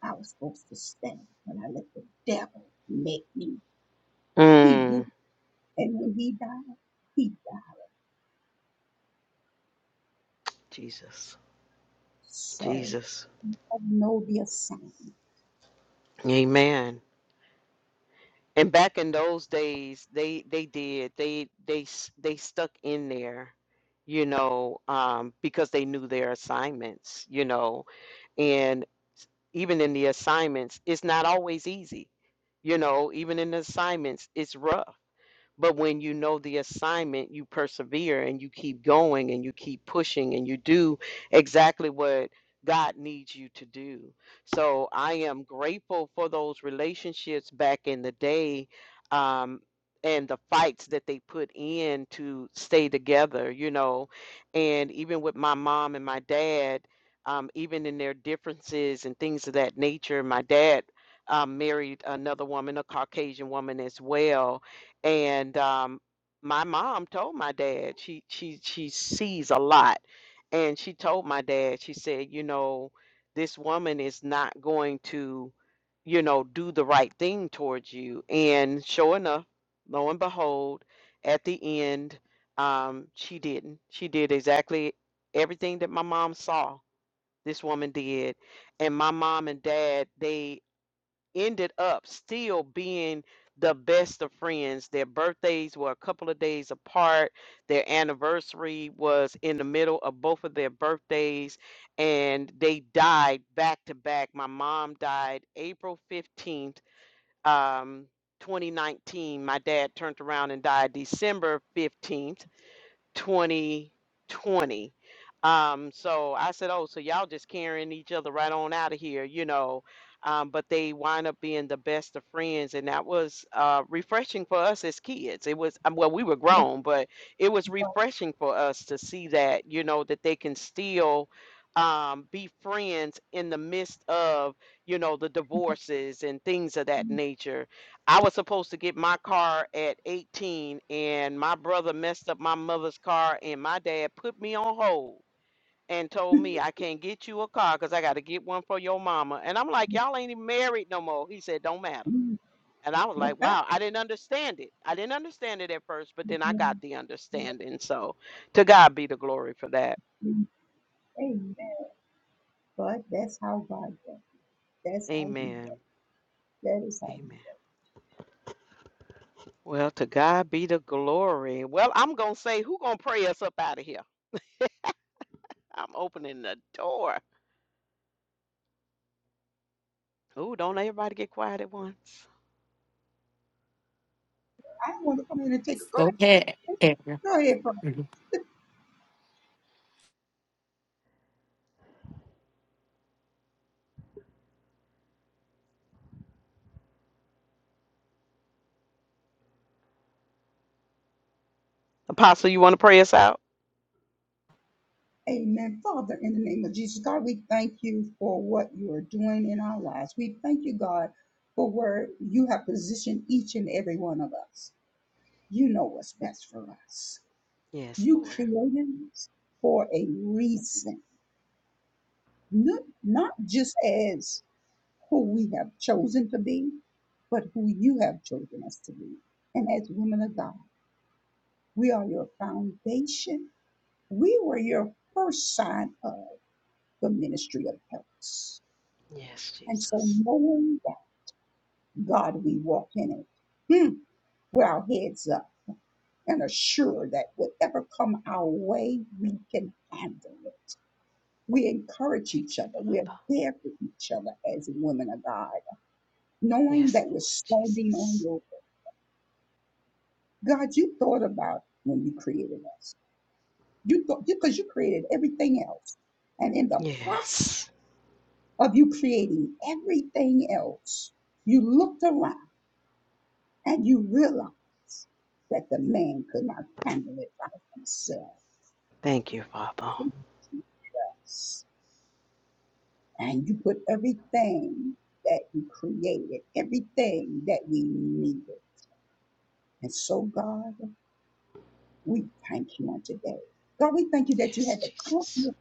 Speaker 7: I was supposed to stand, but I let the devil make me. He boo
Speaker 1: mm.
Speaker 7: And when he died, he died.
Speaker 1: Jesus.
Speaker 7: So
Speaker 1: Jesus.
Speaker 7: I know the assignment.
Speaker 1: Amen. And back in those days, they they did. They they s- they stuck in there, you know, um, because they knew their assignments, you know. And even in the assignments, it's not always easy. You know, even in the assignments, it's rough But when you know the assignment, you persevere and you keep going and you keep pushing and you do exactly what God needs you to do. So I am grateful for those relationships back in the day um, and the fights that they put in to stay together, you know. And even with my mom and my dad, um, even in their differences and things of that nature, my dad um, married another woman, a Caucasian woman as well and um, my mom told my dad she she she sees a lot and she told my dad she said you know this woman is not going to you know do the right thing towards you and sure enough lo and behold at the end um, she didn't she did exactly everything that my mom saw this woman did and my mom and dad they ended up still being the best of friends. Their birthdays were a couple of days apart. Their anniversary was in the middle of both of their birthdays, and they died back to back. My mom died April 15th, um, 2019. My dad turned around and died December 15th. 2020. Um, so I said, oh, so y'all just carrying each other right on out of here, you know. Um, but they wind up being the best of friends, and that was uh, refreshing for us as kids. It was um, well, we were grown, but it was
Speaker 7: Right.
Speaker 1: refreshing for us to see that, you know, that they can still um, be friends in the midst of, you know, the divorces and things of that nature I was supposed to get my car at 18, and my brother messed up my mother's car, and my dad put me on hold and told me I can't get you a car because I got to get one for your mama. And I'm like, y'all ain't even married no more. He said, don't matter. And I was like, wow, I didn't understand it. I didn't understand it at first, but then I got the understanding. So to God be the glory for that.
Speaker 7: Amen. But that's how God does. That's how He
Speaker 1: Amen.
Speaker 7: does. That is how He does.
Speaker 1: Amen. Well, to God be the glory. Well, I'm going to say, who going to pray us up out of here? I'm opening the door. Oh, don't everybody get quiet at once.
Speaker 7: I want to come in and take a go ahead.
Speaker 3: Go ahead, Erica.
Speaker 7: Go ahead, Father.
Speaker 1: Apostle, you want to pray us out?
Speaker 7: Amen. Father, in the name of Jesus, God, we thank you for what you are doing in our lives. We thank you, God, for where you have positioned each and every one of us. You know what's best for us.
Speaker 1: Yes,
Speaker 7: You
Speaker 1: Lord.
Speaker 7: created us for a reason, not, not just as who we have chosen to be, but who you have chosen us to be. And as women of God, we are your foundation. We were your first sign of the ministry of helps.
Speaker 1: Yes,
Speaker 7: And so
Speaker 1: Jesus.
Speaker 7: knowing that God, we walk in it. Hmm. With our heads up and assured that whatever come our way, we can handle it. We encourage
Speaker 1: Thank
Speaker 7: each
Speaker 1: you,
Speaker 7: other. We're
Speaker 1: Father.
Speaker 7: there for each other as women of God, knowing
Speaker 1: Yes,
Speaker 7: that we're
Speaker 1: Lord
Speaker 7: standing on
Speaker 1: Jesus.
Speaker 7: your God, you thought about when you created us. You thought because you created everything else. And in the process
Speaker 1: Yes.
Speaker 7: of you creating everything else, you looked around and you realized that the man could not handle it by himself.
Speaker 1: Thank you, Father.
Speaker 7: And you put everything that you created, everything that we needed. And so, God, we thank you on today. God, we thank you that you had the confidence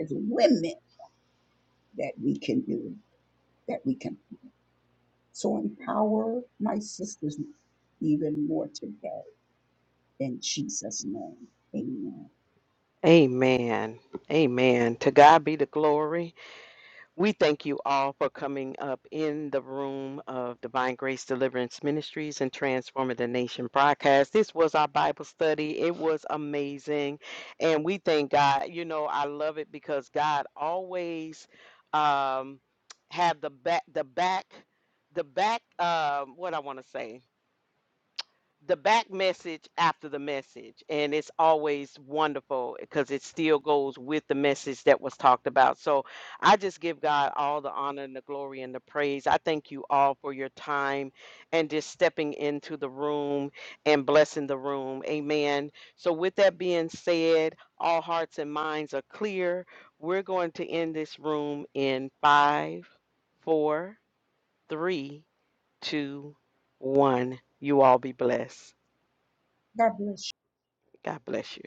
Speaker 7: as women that we can do, that we can. So empower my sisters even more today in Jesus' name. Amen.
Speaker 1: Amen. Amen. To God be the glory. We thank you all for coming up in the room of Divine Grace Deliverance Ministries and Transforming the Nation broadcast. This was our Bible study. It was amazing. And we thank God. You know, I love it because God always um have the back the back the back um what I want to say the back message after the message and it's always wonderful because it still goes with the message that was talked about so i just give god all the honor and the glory and the praise i thank you all for your time and just stepping into the room and blessing the room amen so with that being said all hearts and minds are clear we're going to end this room in five four three two one you all be blessed
Speaker 7: God bless you.
Speaker 1: God bless you.